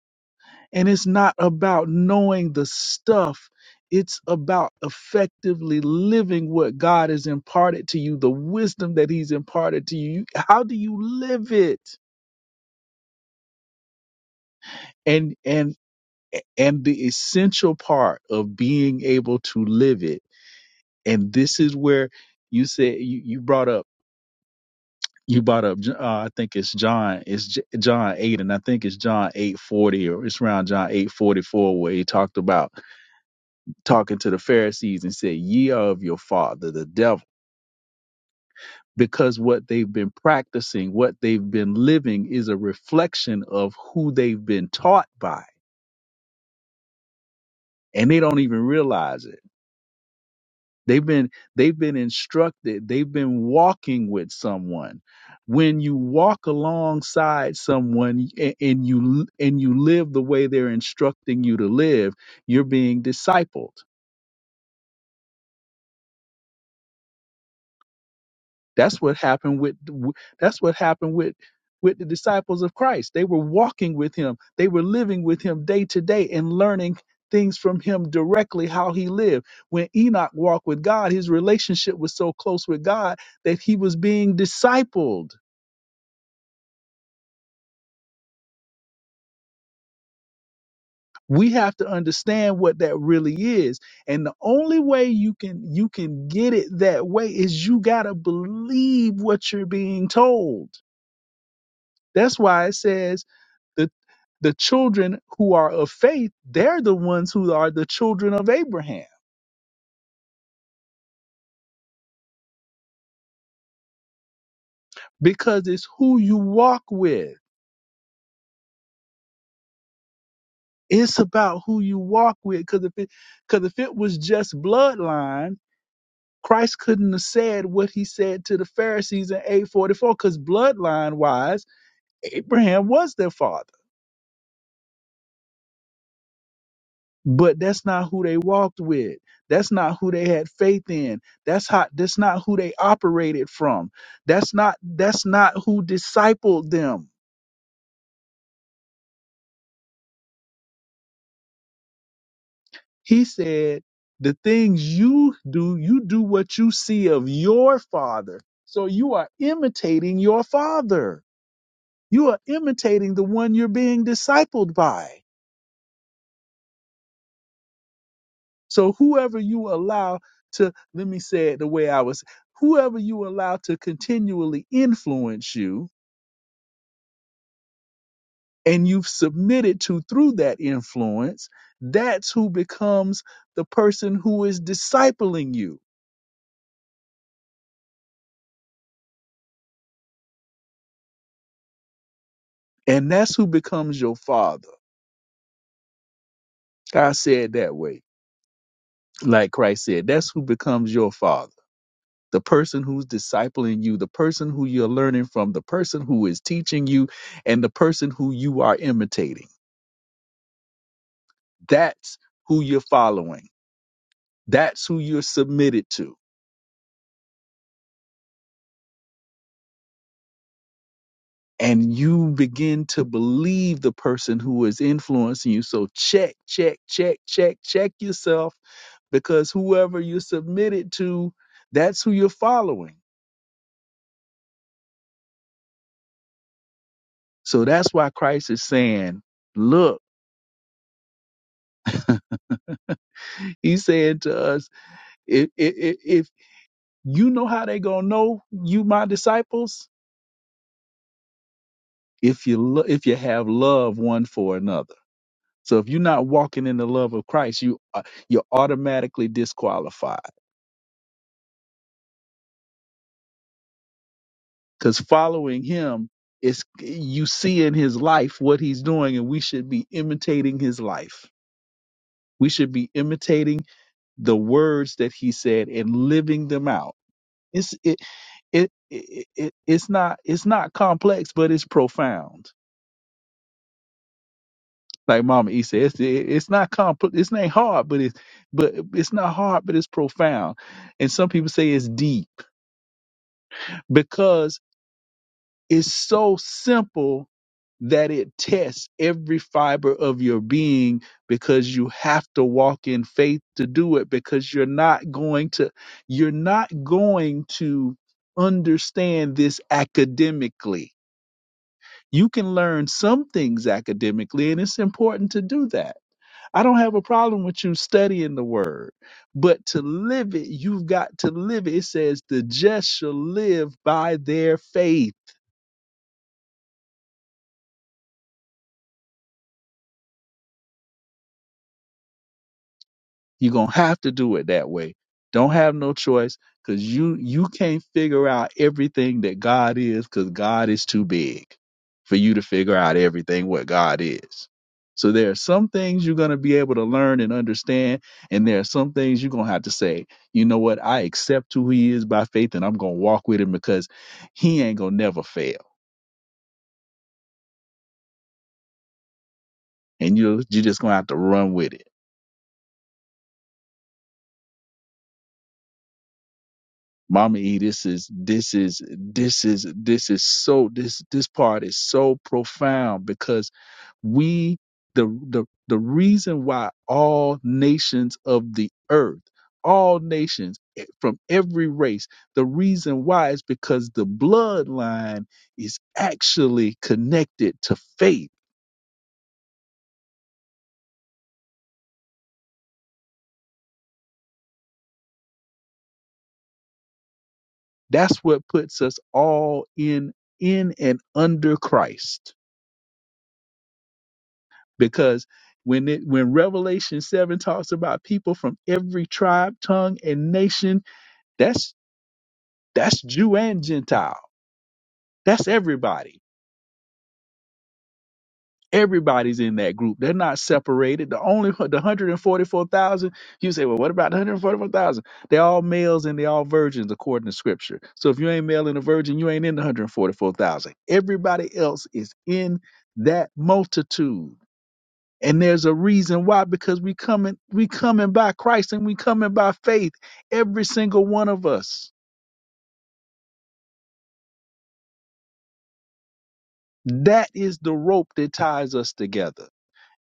Speaker 4: And it's not about knowing the stuff. It's about effectively living what God has imparted to you, the wisdom that he's imparted to you. How do you live it? And and and the essential part of being able to live it. And this is where you said you, you brought up you brought up uh, I think it's John it's J- John 8 and I think it's John 840 or it's around John 844 where he talked about talking to the Pharisees and said, Ye are of your father, the devil. Because what they've been practicing, what they've been living is a reflection of who they've been taught by. And they don't even realize it. They've been they've been instructed, they've been walking with someone. When you walk alongside someone a- and you and you live the way they're instructing you to live, you're being discipled That's what happened with that's what happened with with the disciples of Christ. They were walking with him. They were living with him day to day and learning things from him directly how he lived. When Enoch walked with God, his relationship was so close with God that he was being discipled. We have to understand what that really is. And the only way you can you can get it that way is you got to believe what you're being told That's why it says the the children who are of faith, they're the ones who are the children of Abraham because it's who you walk with. It's about who you walk with because if it because if it was just bloodline, Christ couldn't have said what he said to the Pharisees in 844 because bloodline wise, Abraham was their father. but that's not who they walked with that's not who they had faith in that's how that's not who they operated from that's not that's not who discipled them he said the things you do you do what you see of your father so you are imitating your father you are imitating the one you're being discipled by so whoever you allow to let me say it the way i was whoever you allow to continually influence you and you've submitted to through that influence, that's who becomes the person who is discipling you. And that's who becomes your father. I said that way, like Christ said, that's who becomes your father. The person who's discipling you, the person who you're learning from, the person who is teaching you, and the person who you are imitating. That's who you're following. That's who you're submitted to. and you begin to believe the person who is influencing you. So check, check, check, check, check yourself because whoever you submitted to, that's who you're following. So that's why Christ is saying, look, he's saying to us, if, if, if you know how they gonna know you my disciples, if you lo- if you have love one for another. So if you're not walking in the love of Christ, you are- you're automatically disqualified. because following him is you see in his life what he's doing and we should be imitating his life we should be imitating the words that he said and living them out it's it it, it, it it's not it's not complex but it's profound like mama e said it's, it's not complex it's not hard but it's but it's not hard but it's profound and some people say it's deep because. It's so simple that it tests every fiber of your being because you have to walk in faith to do it because you're not going to you're not going to understand this academically. You can learn some things academically and it's important to do that. I don't have a problem with you studying the word, but to live it, you've got to live it. It says the just shall live by their faith You're gonna have to do it that way. Don't have no choice because you you can't figure out everything that God is because God is too big for you to figure out everything what God is. So there are some things you're gonna be able to learn and understand, and there are some things you're gonna have to say, you know what, I accept who he is by faith and I'm gonna walk with him because he ain't gonna never fail. And you you're just gonna have to run with it Mama E, this is this is this is this is so this this part is so profound because we the the the reason why all nations of the earth all nations eh, from every race the reason why is because the bloodline is actually connected to faith that's what puts us all in in and under christ because when it when revelation 7 talks about people from every tribe tongue and nation that's that's jew and gentile that's everybody everybody's in that group they're not separated the only the 144000 you say well what about the 144000 they're all males and they're all virgins according to scripture so if you ain't male and a virgin you ain't in the 144000 everybody else is in that multitude And there's a reason why, because we coming, we coming by Christ and we coming by faith, every single one of us. That is the rope that ties us together.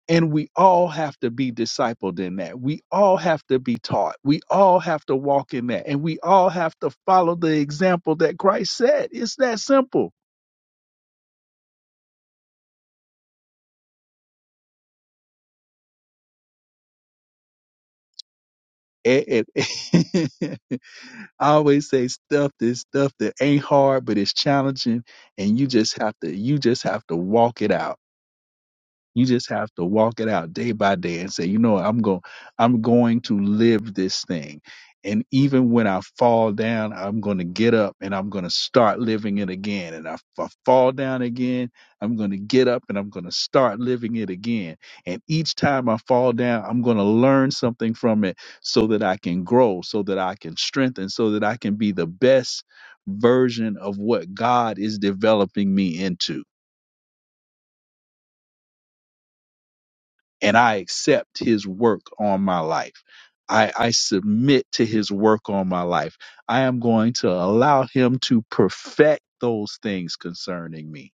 Speaker 4: And we all have to be discipled in that. We all have to be taught. We all have to walk in that. And we all have to follow the example that Christ said. It's that simple. Eh, eh, I always say stuff this stuff that ain't hard, but it's challenging. And you just have to, you just have to walk it out You just have to walk it out day by day and say, you know, what, I'm going, I'm going to live this thing. And even when I fall down, I'm going to get up and I'm going to start living it again. And if I fall down again, I'm going to get up and I'm going to start living it again. And each time I fall down, I'm going to learn something from it so that I can grow, so that I can strengthen, so that I can be the best version of what God is developing me into and I accept his work on my life. I, I submit to his work on my life. I am going to allow him to perfect those things concerning me.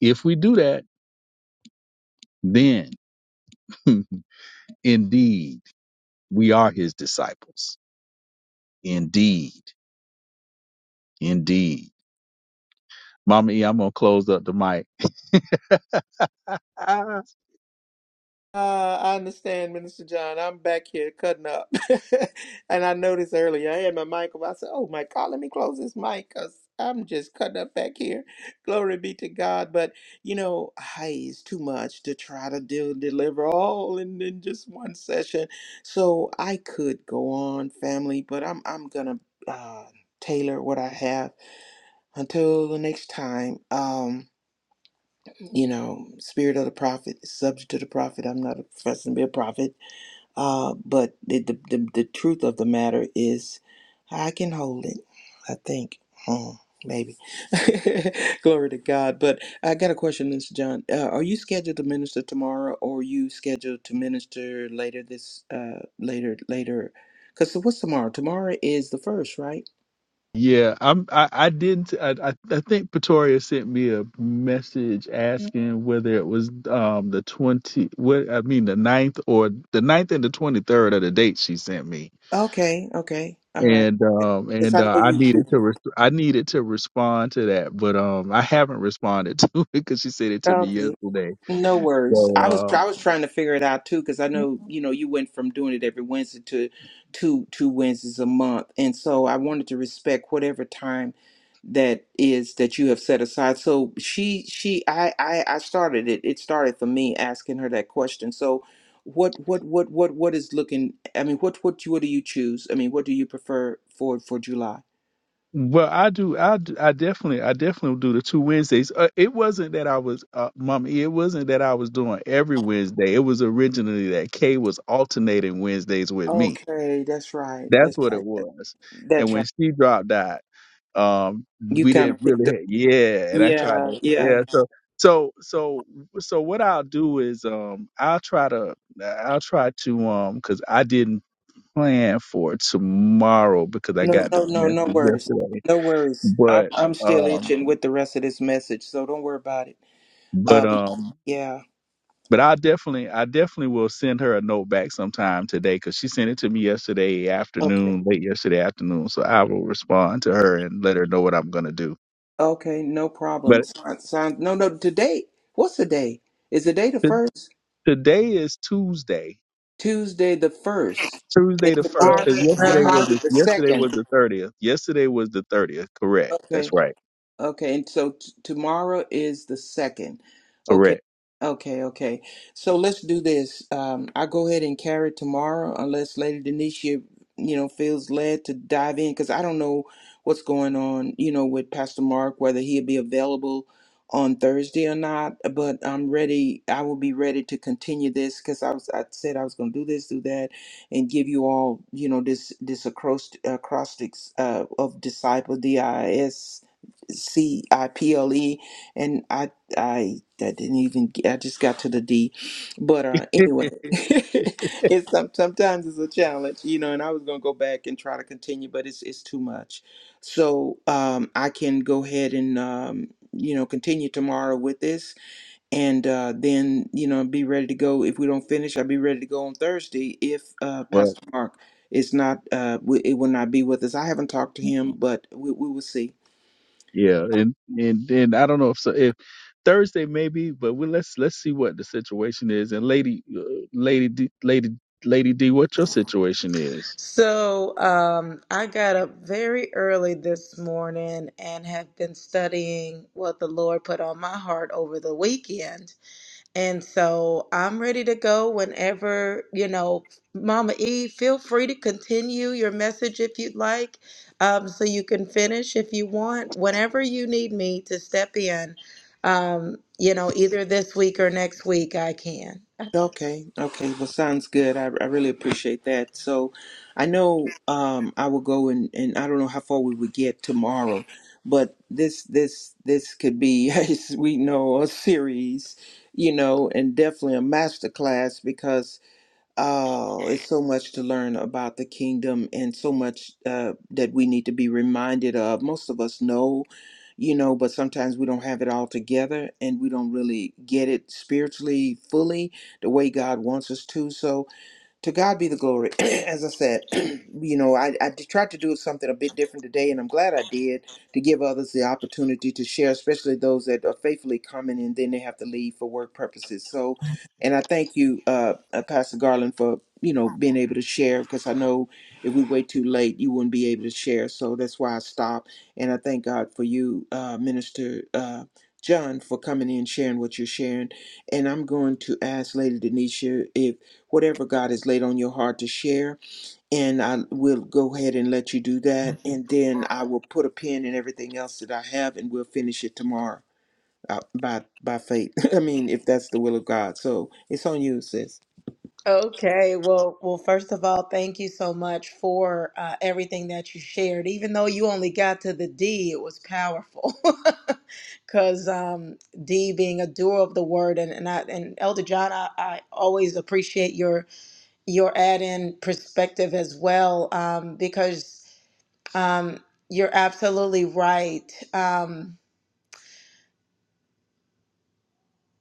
Speaker 4: If we do that, then indeed we are his disciples. Indeed. Indeed. Mama E, I'm going to close up the mic.
Speaker 2: Uh, I understand, Minister John. I'm back here cutting up. and I noticed earlier, I had my mic up. I said, Oh my God, let me close this mic because I'm just cutting up back here. Glory be to God. But, you know, hey, it's too much to try to do, deliver all in, in just one session. So I could go on, family, but I'm, I'm going to uh, tailor what I have until the next time. Um, you know, spirit of the prophet is subject to the prophet. I'm not a professing to be a prophet uh, but the, the, the, the truth of the matter is, I can hold it, I think. Hmm, maybe. Glory to God. But I got a question, Mr. John. Uh, are you scheduled to minister tomorrow or are you scheduled to minister later this, uh, later, later? Because what's tomorrow? Tomorrow is the first, right?
Speaker 4: Yeah, I'm. I, I didn't. I, I I think Pretoria sent me a message asking whether it was um the twenty. What I mean, the ninth or the ninth and the twenty third are the dates she sent me,
Speaker 2: Okay, okay. All right.
Speaker 4: and um
Speaker 2: Because
Speaker 4: and
Speaker 2: I
Speaker 4: uh,
Speaker 2: know
Speaker 4: I
Speaker 2: you, you.
Speaker 4: needed to res- I needed to respond to that, but um I haven't responded to it because she sent it to me
Speaker 2: Okay,
Speaker 4: yesterday.
Speaker 2: No worries. I was
Speaker 4: So
Speaker 2: I
Speaker 4: uh,
Speaker 2: was trying to figure it out too because I know you know you went from doing it every Wednesday to two two Wednesdays a month, and so I wanted to respect whatever time that is that you have set aside. So she she I I, I started it. It started for me asking her that question. So what what what what what is looking? I mean, what what what do you choose? I mean, what do you prefer for for July?
Speaker 4: Well, I do. I d- I definitely I definitely do the two Wednesdays. Uh, it wasn't that I was, uh, Mom. It wasn't that I was doing every Wednesday. It was originally that Kay was alternating Wednesdays with me.
Speaker 2: Okay, that's right.
Speaker 4: That's
Speaker 2: That's
Speaker 4: what
Speaker 2: right.
Speaker 4: it was. And
Speaker 2: That's
Speaker 4: when
Speaker 2: right.
Speaker 4: she dropped out, um,
Speaker 2: You
Speaker 4: we
Speaker 2: kind
Speaker 4: didn't
Speaker 2: of picked up.
Speaker 4: really. Yeah, and I tried
Speaker 2: Yeah,
Speaker 4: to.
Speaker 2: yeah.
Speaker 4: Yeah, so so so so what I'll do is um I'll try to I'll try to um because I didn't plan for tomorrow because I
Speaker 2: No,
Speaker 4: got the
Speaker 2: no, no,
Speaker 4: message
Speaker 2: no worries.
Speaker 4: yesterday
Speaker 2: No worries. I'm
Speaker 4: but
Speaker 2: I'm still
Speaker 4: um
Speaker 2: itching with the rest of this message, so don't worry about it.
Speaker 4: but
Speaker 2: Uh, be-
Speaker 4: um
Speaker 2: yeah.
Speaker 4: but i definitely i definitely will send her a note back sometime today because she sent it to me yesterday
Speaker 2: Okay.
Speaker 4: afternoon late yesterday afternoon so i will respond to her and let her know what i'm going to do
Speaker 2: Okay. No problem.
Speaker 4: but
Speaker 2: Sound, sound, no, no. Today. What's the day? Is the day the
Speaker 4: t-
Speaker 2: first?
Speaker 4: today is tuesday
Speaker 2: Tuesday the first. And
Speaker 4: tuesday the first because
Speaker 2: tomorrow,
Speaker 4: yesterday was
Speaker 3: Uh-huh.
Speaker 2: tomorrow
Speaker 4: the,
Speaker 2: the
Speaker 4: yesterday
Speaker 2: second.
Speaker 4: was the 30th yesterday was the 30th correct
Speaker 2: Okay.
Speaker 4: that's right
Speaker 2: Okay, and so t- tomorrow is the second. Okay,
Speaker 4: correct
Speaker 2: okay, okay. So let's do this. Um, I go ahead and carry tomorrow, unless Lady Denisha, you know, feels led to dive in, because I don't know what's going on, you know, with Pastor Mark, whether he'll be available on Thursday or not. But I'm ready. I will be ready to continue this, because I was, I said I was going to do this, do that, and give you all, you know, this this acrost- acrostics uh, of disciple, D I S C I P L E, and I I that didn't even get- I just got to the D, but uh anyway, it's some, sometimes it's a challenge, you know. And I was gonna go back and try to continue, but it's it's too much. So um, I can go ahead and um, you know continue tomorrow with this, and uh, then you know be ready to go. If we don't finish, I'll be ready to go on Thursday. If uh,
Speaker 4: well
Speaker 2: Pastor Mark is not, uh, w- it will not be with us. I haven't talked to him, but we, we will see.
Speaker 4: Yeah, and and and I don't know if so if Thursday maybe, but we let's let's see what the situation is. And lady, uh, lady, D, lady, lady D, what your situation is?
Speaker 3: So, um, I got up very early this morning and have been studying what the Lord put on my heart over the weekend. And so I'm ready to go whenever, you know, Mama E, feel free to continue your message if you'd like. Um, so you can finish if you want, whenever you need me to step in. Um, you know, either this week or next week, I can.
Speaker 2: Okay, okay. Well, sounds good. I, I really appreciate that. So, I know um, I will go and and I don't know how far we would get tomorrow, but this this this could be, as we know, a series, you know, and definitely a master class because Oh, it's so much to learn about the kingdom and so much uh, that we need to be reminded of. Most of us know, you know, but sometimes we don't have it all together and we don't really get it spiritually fully the way God wants us to. So, to God be the glory. As I said, you know, I, I did- tried to do something a bit different today, and I'm glad I did to give others the opportunity to share, especially those that are faithfully coming and then they have to leave for work purposes. So, and I thank you, uh, uh, Pastor Garland, for you know being able to share because I know if we wait too late, you wouldn't be able to share. So that's why I stopped. And I thank God for you, uh, Minister uh, John, for coming in, sharing what you're sharing. And I'm going to ask Lady Denisha if whatever God has laid on your heart to share. And I will go ahead and let you do that. And then I will put a pin in everything else that I have and we'll finish it tomorrow uh, by, by faith. I mean, if that's the will of God. So it's on you, sis.
Speaker 3: Okay, well, well, first of all, thank you so much for uh, everything that you shared. Even though you only got to the D, it was powerful. Because um, D being a doer of the word, and and, I, and Elder John, I, I always appreciate your your add-in perspective as well, um, because um, you're absolutely right. Um,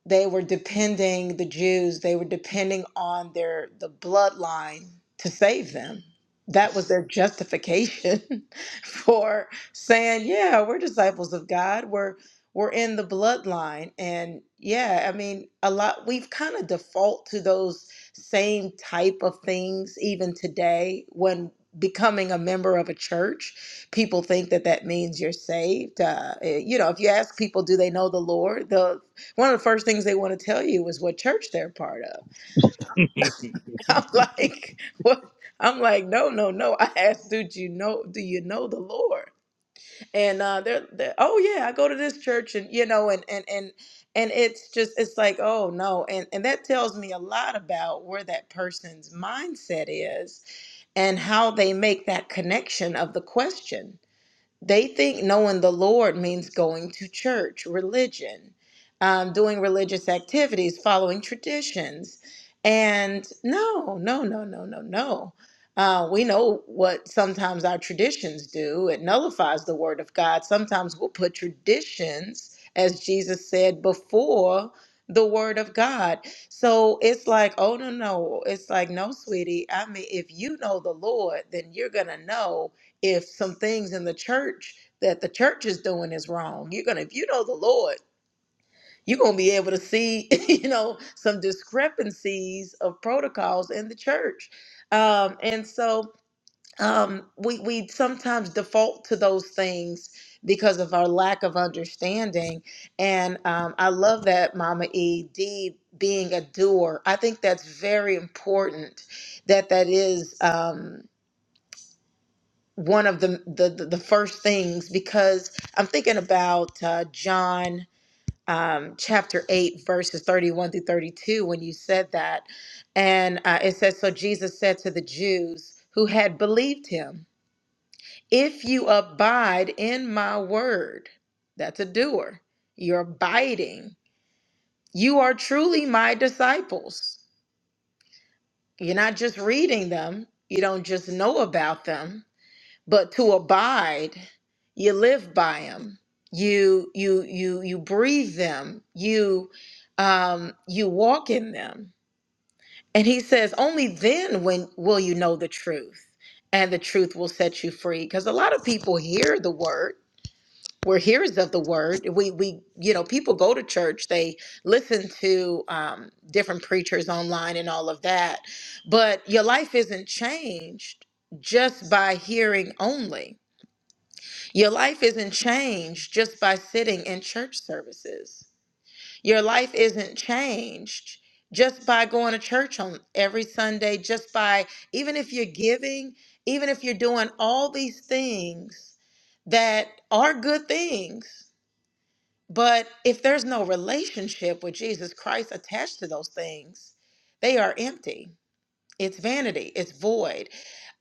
Speaker 3: they were depending the Jews they were depending on their the bloodline to save them that was their justification for saying yeah we're disciples of God we're we're in the bloodline and yeah I mean a lot we've kind of default to those same type of things even today when becoming a member of a church people think that that means you're saved uh, eh, you know if you ask people do they know the lord They'll one of the first things they want to tell you is what church they're part of. I'm like, what? I'm like, no, no, no. I asked, do you know? Do you know the Lord? And uh, they're, they're, oh yeah, I go to this church, and you know, and and and and it's just, it's like, oh no, and and that tells me a lot about where that person's mindset is and how they make that connection of the question. They think knowing the Lord means going to church, religion, um, doing religious activities, following traditions. And no, no, no, no, no, no. Uh, we know what sometimes our traditions do. It nullifies the word of God. Sometimes we'll put traditions, as Jesus said, before the word of God. So it's like, oh no, no. It's like, no, sweetie. I mean, if you know the Lord, then you're gonna know if some things in the church that the church is doing is wrong. You're gonna, if you know the Lord, you're gonna be able to see, you know, some discrepancies of protocols in the church. Um, and so um, we we sometimes default to those things because of our lack of understanding. And um, I love that Mama E D being a doer. I think that's very important. That that is. Um, one of the the, the, the first things because I'm thinking about uh, John um, chapter 8 verses 31 through 32 when you said that and uh, it says so Jesus said to the Jews who had believed him if you abide in my word that's a doer you're abiding you are truly my disciples you're not just reading them you don't just know about them but to abide you live by them you you you you breathe them you um you walk in them and he says only then when will you know the truth and the truth will set you free because a lot of people hear the word we're hearers of the word we we you know people go to church they listen to um, different preachers online and all of that but your life isn't changed just by hearing only your life isn't changed just by sitting in church services. Your life isn't changed just by going to church on every Sunday, just by even if you're giving, even if you're doing all these things that are good things. But if there's no relationship with Jesus Christ attached to those things, they are empty. It's vanity. It's void.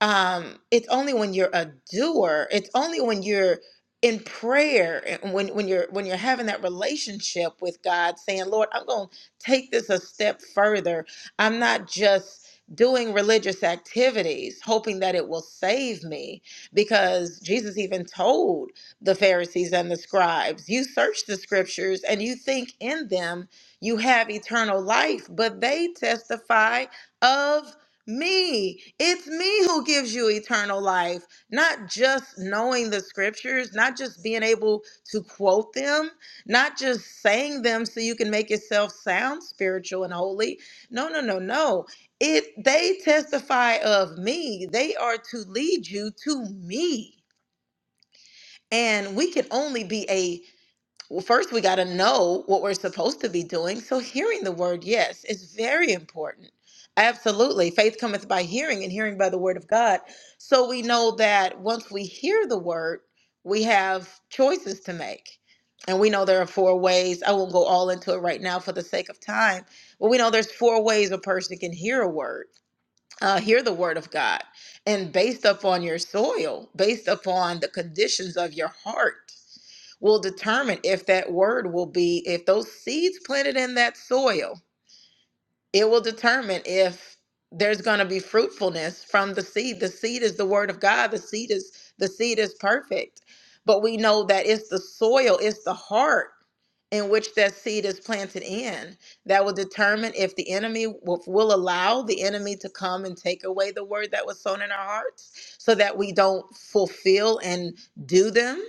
Speaker 3: Um, it's only when you're a doer. It's only when you're in prayer and when when you're when you're having that relationship with God, saying, "Lord, I'm going to take this a step further. I'm not just." Doing religious activities, hoping that it will save me, because Jesus even told the Pharisees and the scribes, You search the scriptures and you think in them you have eternal life, but they testify of me, it's me who gives you eternal life, not just knowing the scriptures, not just being able to quote them, not just saying them so you can make yourself sound spiritual and holy. No, no, no, no. It they testify of me. They are to lead you to me. And we can only be a well, first we got to know what we're supposed to be doing. So hearing the word, yes, is very important. Absolutely. Faith cometh by hearing and hearing by the word of God. So we know that once we hear the word, we have choices to make. And we know there are four ways. I won't go all into it right now for the sake of time, but we know there's four ways a person can hear a word, uh, hear the word of God. And based upon your soil, based upon the conditions of your heart, will determine if that word will be, if those seeds planted in that soil, it will determine if there's going to be fruitfulness from the seed. The seed is the word of God. The seed is the seed is perfect. But we know that it's the soil, it's the heart in which that seed is planted in that will determine if the enemy will, will allow the enemy to come and take away the word that was sown in our hearts so that we don't fulfill and do them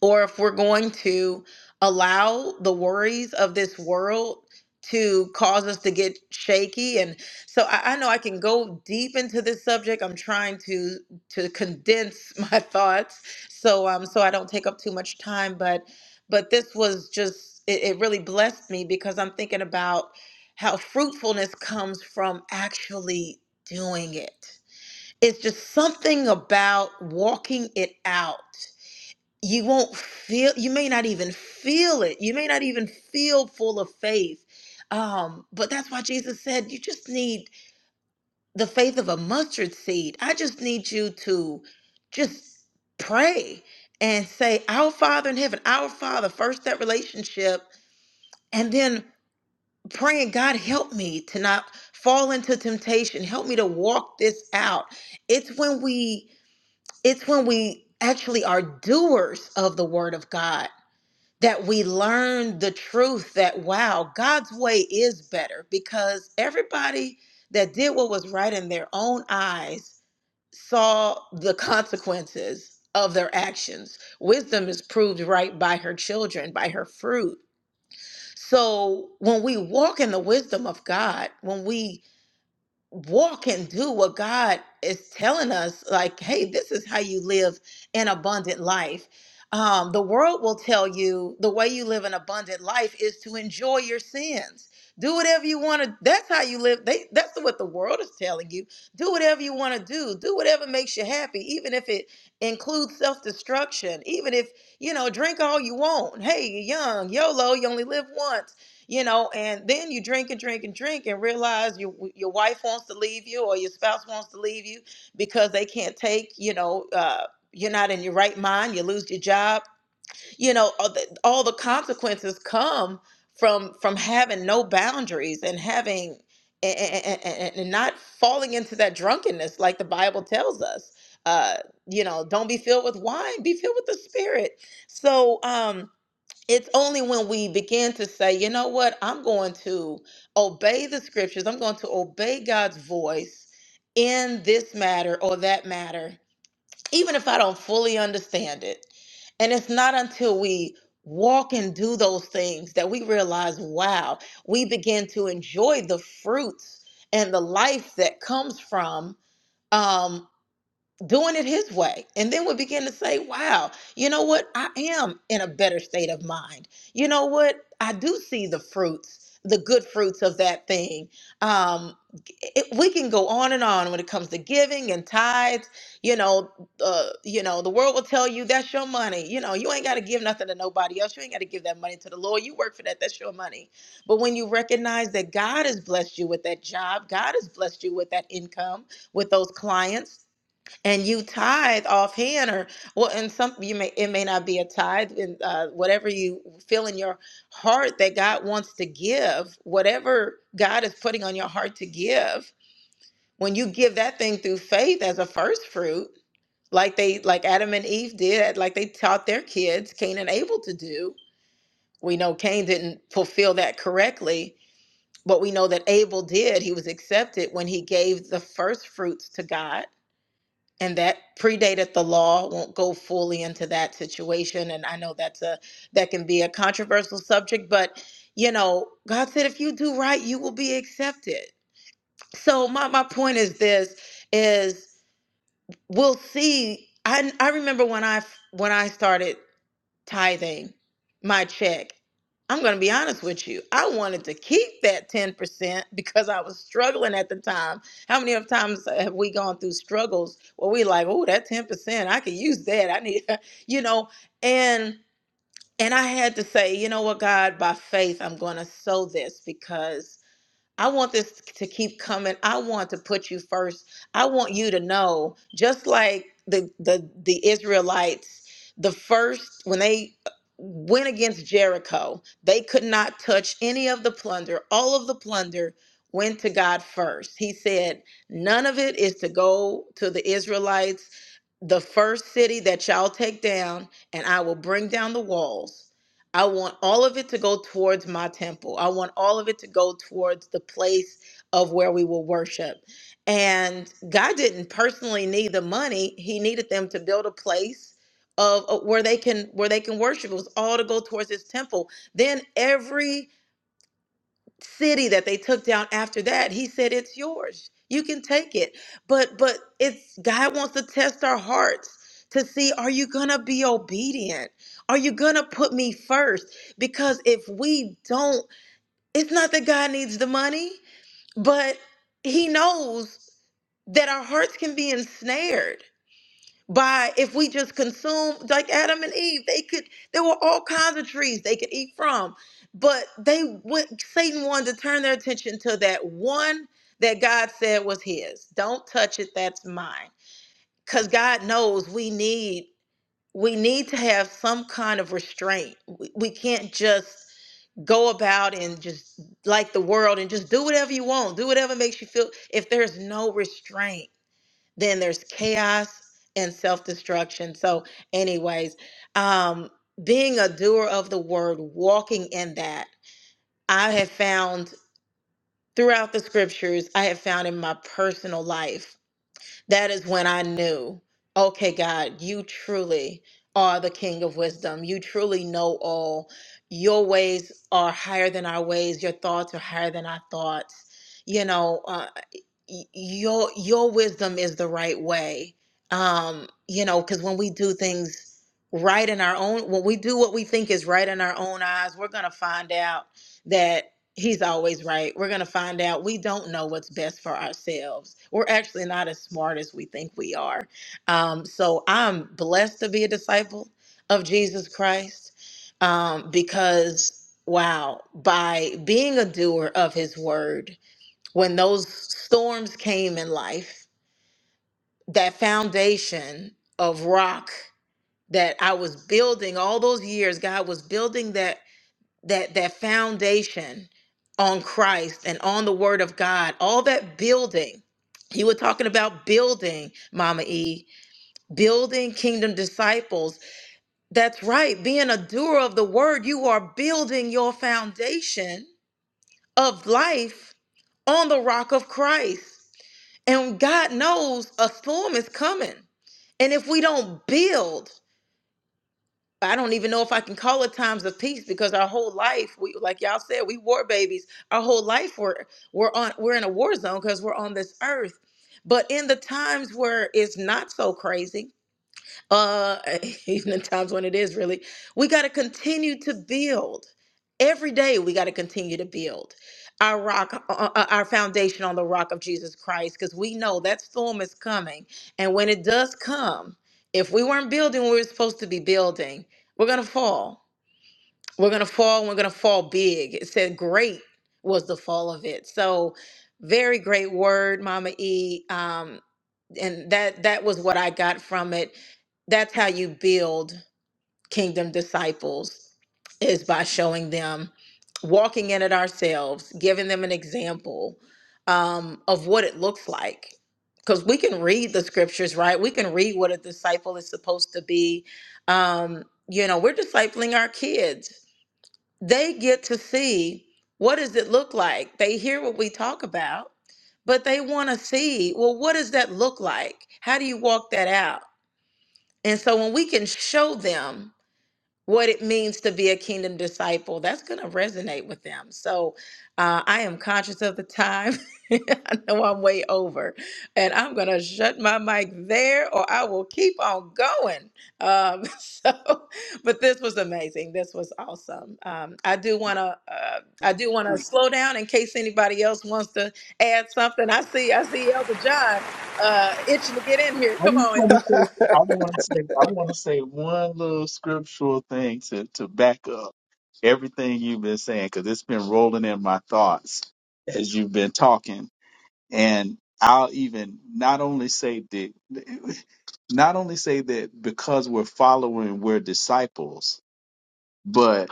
Speaker 3: or if we're going to allow the worries of this world to cause us to get shaky and so I, I know i can go deep into this subject i'm trying to to condense my thoughts so um so i don't take up too much time but but this was just it, it really blessed me because i'm thinking about how fruitfulness comes from actually doing it it's just something about walking it out you won't feel you may not even feel it you may not even feel full of faith um but that's why jesus said you just need the faith of a mustard seed i just need you to just pray and say our father in heaven our father first that relationship and then praying god help me to not fall into temptation help me to walk this out it's when we it's when we actually are doers of the word of god that we learn the truth that wow, God's way is better because everybody that did what was right in their own eyes saw the consequences of their actions. Wisdom is proved right by her children, by her fruit. So when we walk in the wisdom of God, when we walk and do what God is telling us like hey this is how you live an abundant life um the world will tell you the way you live an abundant life is to enjoy your sins do whatever you want to that's how you live they that's what the world is telling you do whatever you want to do do whatever makes you happy even if it includes self-destruction even if you know drink all you want hey you're young YOLO you only live once you know and then you drink and drink and drink and realize your your wife wants to leave you or your spouse wants to leave you because they can't take you know uh you're not in your right mind you lose your job you know all the, all the consequences come from from having no boundaries and having and, and, and not falling into that drunkenness like the bible tells us uh you know don't be filled with wine be filled with the spirit so um it's only when we begin to say, you know what, I'm going to obey the scriptures, I'm going to obey God's voice in this matter or that matter, even if I don't fully understand it. And it's not until we walk and do those things that we realize, wow, we begin to enjoy the fruits and the life that comes from. um, doing it his way and then we begin to say wow you know what i am in a better state of mind you know what i do see the fruits the good fruits of that thing um it, we can go on and on when it comes to giving and tithes you know uh you know the world will tell you that's your money you know you ain't got to give nothing to nobody else you ain't got to give that money to the lord you work for that that's your money but when you recognize that god has blessed you with that job god has blessed you with that income with those clients and you tithe offhand or well and some you may it may not be a tithe and uh, whatever you feel in your heart that god wants to give whatever god is putting on your heart to give when you give that thing through faith as a first fruit like they like adam and eve did like they taught their kids cain and abel to do we know cain didn't fulfill that correctly but we know that abel did he was accepted when he gave the first fruits to god and that predated the law won't go fully into that situation and i know that's a that can be a controversial subject but you know god said if you do right you will be accepted so my, my point is this is we'll see I, I remember when i when i started tithing my check. I'm going to be honest with you. I wanted to keep that 10% because I was struggling at the time. How many of times have we gone through struggles where we like, oh, that 10%, I could use that. I need, you know, and and I had to say, you know what, God, by faith, I'm going to sow this because I want this to keep coming. I want to put you first. I want you to know, just like the the the Israelites, the first when they went against Jericho, they could not touch any of the plunder. All of the plunder went to God first. He said, "None of it is to go to the Israelites. The first city that y'all take down, and I will bring down the walls." I want all of it to go towards my temple. I want all of it to go towards the place of where we will worship. And God didn't personally need the money. He needed them to build a place of of where they can where they can worship. It was all to go towards his temple. Then every city that they took down after that he said it's yours you can take it but but it's god wants to test our hearts to see are you gonna be obedient are you gonna put me first because if we don't it's not that god needs the money but he knows that our hearts can be ensnared by if we just consume like Adam and Eve, they could there were all kinds of trees they could eat from. But they went Satan wanted to turn their attention to that one that God said was his. Don't touch it, that's mine. Cuz God knows we need we need to have some kind of restraint. We, we can't just go about and just like the world and just do whatever you want, do whatever makes you feel if there's no restraint then there's chaos and self-destruction so anyways um being a doer of the word walking in that i have found throughout the scriptures i have found in my personal life that is when I knew, okay, God, you truly are the King of wisdom. You truly know all. Your ways are higher than our ways. Your thoughts are higher than our thoughts. You know, uh, y- your your wisdom is the right way. Um, you know, because when we do things right in our own, when we do what we think is right in our own eyes, we're gonna find out He's always right. We're going to find out. We don't know what's best for ourselves. We're actually not as smart as we think we are. Um, so I'm blessed to be a disciple of Jesus Christ um, because, wow, by being a doer of his word, when those storms came in life, that foundation of rock that I was building all those years, God was building that that foundation on Christ and on the word of God, all that building. You were talking about building, Mama E, building kingdom disciples. That's right. Being a doer of the word, you are building your foundation of life on the rock of Christ. And God knows a storm is coming. And if we don't build, I don't even know if I can call it times of peace because our whole life, we like y'all said, we war babies. Our whole life we're we're on we're in a war zone because we're on this earth. But in the times where it's not so crazy, uh even in times when it is really we got to continue to build every day we got to continue to build our rock uh, uh, uh, our foundation on the rock of jesus christ because we know that storm is coming and when it does come if we weren't building what we were supposed to be building we're gonna fall we're gonna fall and we're gonna fall big it said great was the fall of it so very great word mama e Um and that that was what I got from it. That's how you build kingdom disciples is by showing them walking in it ourselves, giving them an example um, of what it looks like. Because we can read the scriptures, right? We can read what a disciple is supposed to be. Um, you know, we're discipling our kids they get to see what does it look like they hear what we talk about but they want to see well what does that look like how do you walk that out and so when we can show them what it means to be a kingdom disciple. That's going to resonate with them. So uh, I am conscious of the time. I know I'm way over, and I'm going to shut my mic there or I will keep on going. Um, so, but this was amazing. This was awesome. Um, I do want to, uh, I do want to slow down in case anybody else wants to add something. I see, I see Elder John uh, itching to get in here.
Speaker 4: I
Speaker 3: Come
Speaker 4: just
Speaker 3: on, Elder.
Speaker 4: want to say, I want to say, I want to say one little scriptural thing to to back up everything you've been saying because it's been rolling in my thoughts as you've been talking, and I'll even not only say that, not only say that because we're following, we're disciples, but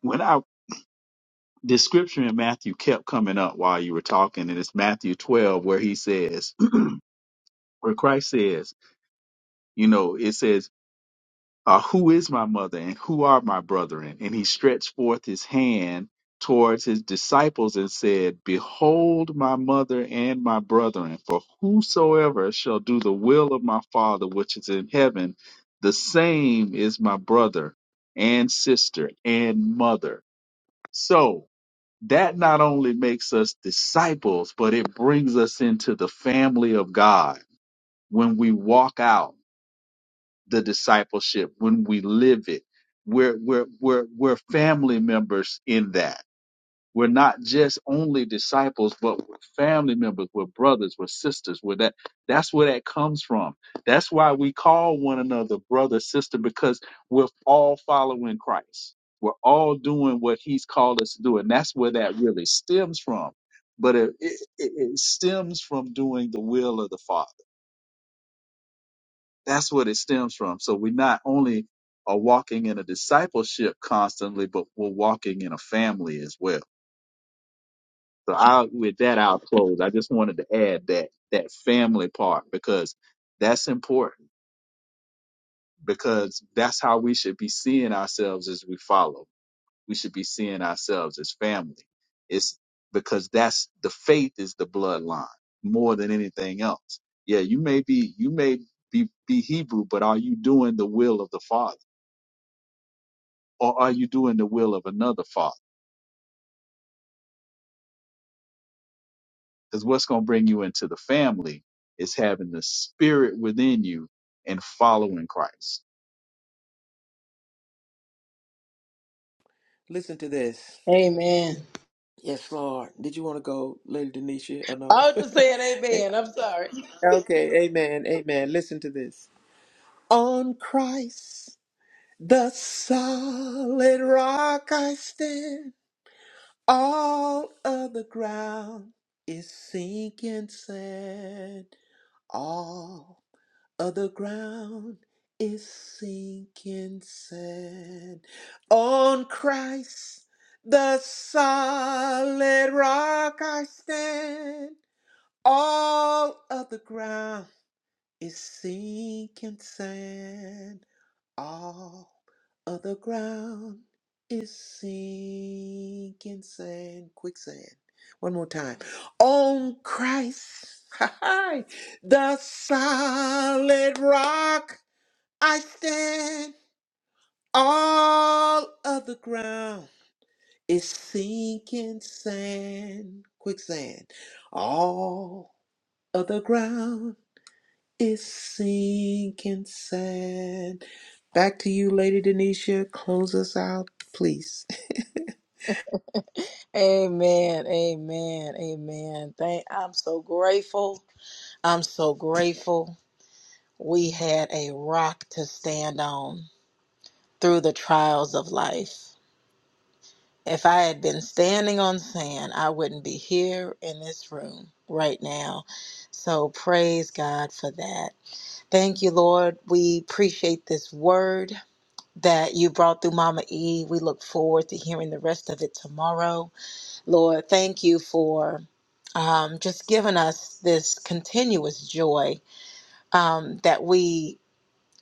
Speaker 4: when I the scripture in Matthew kept coming up while you were talking, and it's Matthew twelve where he says, where Christ says, you know, it says. uh, who is my mother and who are my brethren? And he stretched forth his hand towards his disciples and said, Behold my mother and my brethren, for whosoever shall do the will of my Father which is in heaven, the same is my brother and sister and mother. So that not only makes us disciples, but it brings us into the family of God when we walk out the discipleship, when we live it. We're we're we're we're family members in that. We're not just only disciples, but we're family members. We're brothers. We're sisters. We're that. That's where that comes from. That's why we call one another brother, sister, because we're all following Christ. We're all doing what He's called us to do, and that's where that really stems from. But it, it, it it stems from doing the will of the Father that's what it stems from. So we not only are walking in a discipleship constantly, but we're walking in a family as well. So I, with that, I'll close. I just wanted to add that that family part because that's important because that's how we should be seeing ourselves as we follow. We should be seeing ourselves as family. It's because that's the faith is the bloodline more than anything else. Yeah, you may be you may be be Hebrew, but are you doing the will of the Father? or are you doing the will of another father? Because what's going to bring you into the family is having the spirit within you and following Christ.
Speaker 2: Listen to this.
Speaker 3: Amen.
Speaker 2: Yes, Lord. Did you want to go, Lady Denisha, or no?
Speaker 3: I was just saying amen. I'm sorry.
Speaker 2: okay, amen, amen. Listen to this. On Christ, the solid rock I stand. All of the ground is sinking sand. All of the ground is sinking sand. On Christ, the solid rock I stand. All of the ground is sinking sand. All. Other ground is sinking sand, quicksand. One more time. On Christ, the solid rock I stand. All other ground is sinking sand, quicksand. All other ground is sinking sad. Back to you, Lady Denisha. Close us out, please.
Speaker 3: Amen. Amen. Amen. Thank I'm so grateful. I'm so grateful we had a rock to stand on through the trials of life. If I had been standing on sand, I wouldn't be here in this room right now. So praise God for that. Thank you, Lord. We appreciate this word that you brought through Mama E. We look forward to hearing the rest of it tomorrow. Lord, thank you for um, just giving us this continuous joy um, that we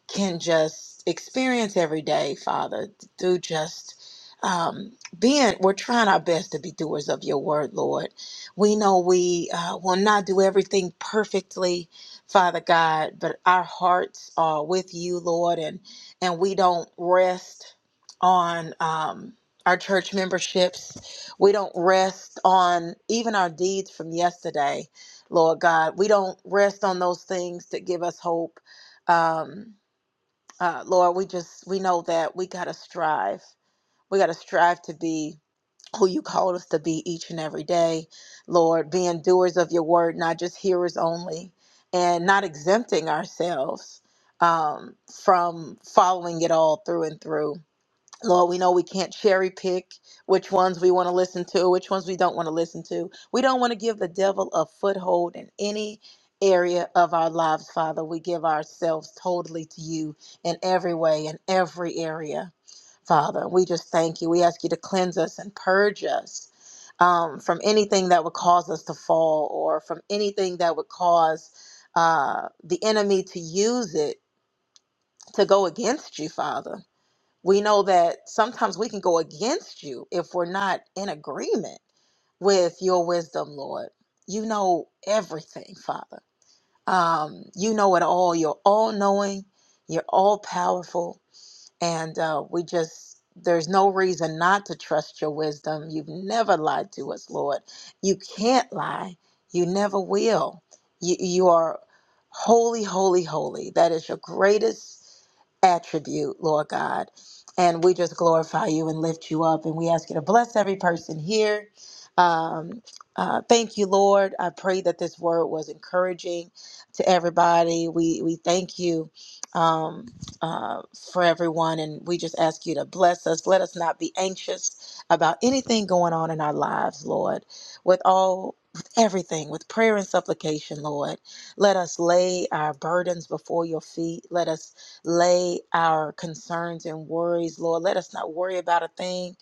Speaker 3: can just experience every day, Father, through just um, being, we're trying our best to be doers of your word, Lord. We know we uh, will not do everything perfectly, Father God, but our hearts are with you, Lord, and, and we don't rest on um, our church memberships. We don't rest on even our deeds from yesterday, Lord God. We don't rest on those things that give us hope. Um, uh, Lord, we just we know that we gotta strive. We gotta strive to be who you called us to be each and every day, Lord. Being doers of your word, not just hearers only, and not exempting ourselves um, from following it all through and through. Lord, we know we can't cherry pick which ones we want to listen to, which ones we don't want to listen to. We don't want to give the devil a foothold in any area of our lives, Father. We give ourselves totally to you in every way, in every area. Father, we just thank you. We ask you to cleanse us and purge us um, from anything that would cause us to fall or from anything that would cause uh, the enemy to use it to go against you, Father. We know that sometimes we can go against you if we're not in agreement with your wisdom, Lord. You know everything, Father. Um, you know it all. You're all knowing, you're all powerful. And uh, we just, there's no reason not to trust your wisdom. You've never lied to us, Lord. You can't lie, you never will. You, you are holy, holy, holy. That is your greatest attribute, Lord God. And we just glorify you and lift you up. And we ask you to bless every person here. Um, uh, thank you, Lord. I pray that this word was encouraging to everybody. We we thank you um, uh, for everyone, and we just ask you to bless us. Let us not be anxious about anything going on in our lives, Lord. With all, with everything, with prayer and supplication, Lord. Let us lay our burdens before your feet. Let us lay our concerns and worries, Lord. Let us not worry about a thing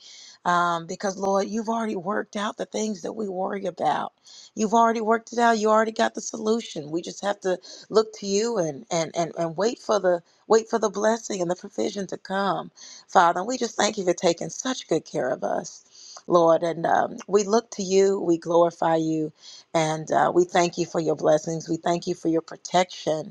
Speaker 3: um, because, Lord, you've already worked out the things that we worry about. You've already worked it out. You already got the solution. We just have to look to you and and and, and wait for the wait for the blessing and the provision to come, Father. And we just thank you for taking such good care of us. Lord, and um, we look to you, we glorify you, and uh, we thank you for your blessings. We thank you for your protection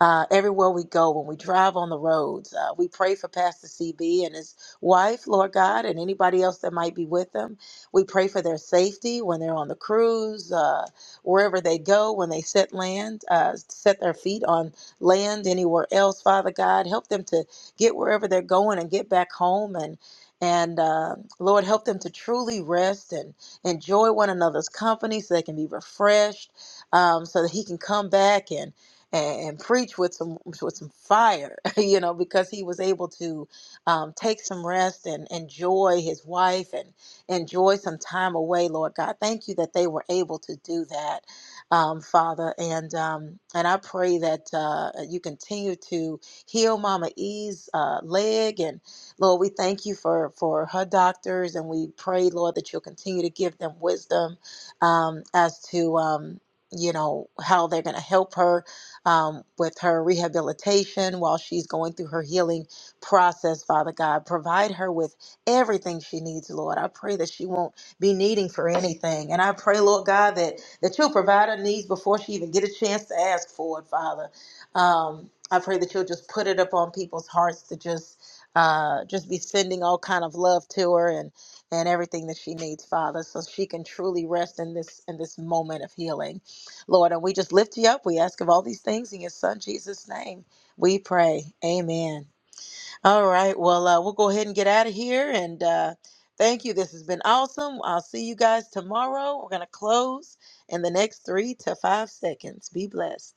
Speaker 3: uh, everywhere we go, when we drive on the roads. Uh, we pray for Pastor CB and his wife, Lord God, and anybody else that might be with them. We pray for their safety when they're on the cruise, uh, wherever they go, when they set land, uh, set their feet on land anywhere else. Father God, help them to get wherever they're going and get back home and. And uh, Lord, help them to truly rest and enjoy one another's company so they can be refreshed, um, so that He can come back and and, and preach with some with some fire, you know, because he was able to um, take some rest and enjoy his wife and enjoy some time away, Lord God. Thank you that they were able to do that, um, Father, and um, and I pray that uh, you continue to heal Mama E's uh, leg, and Lord, we thank you for for her doctors, and we pray, Lord, that you'll continue to give them wisdom um, as to um, you know how they're going to help her um, with her rehabilitation while she's going through her healing process, Father God. Provide her with everything she needs, Lord. I pray that she won't be needing for anything. And I pray, Lord God, that, that you'll provide her needs before she even get a chance to ask for it, Father. Um, I pray that you'll just put it up on people's hearts to just uh, just be sending all kind of love to her and and everything that she needs, Father, so she can truly rest in this in this moment of healing. Lord, and we just lift you up. We ask of all these things in your son Jesus' name. We pray. Amen. All right. Well, uh, we'll go ahead and get out of here. And uh, thank you. This has been awesome. I'll see you guys tomorrow. We're going to close in the next three to five seconds. Be blessed.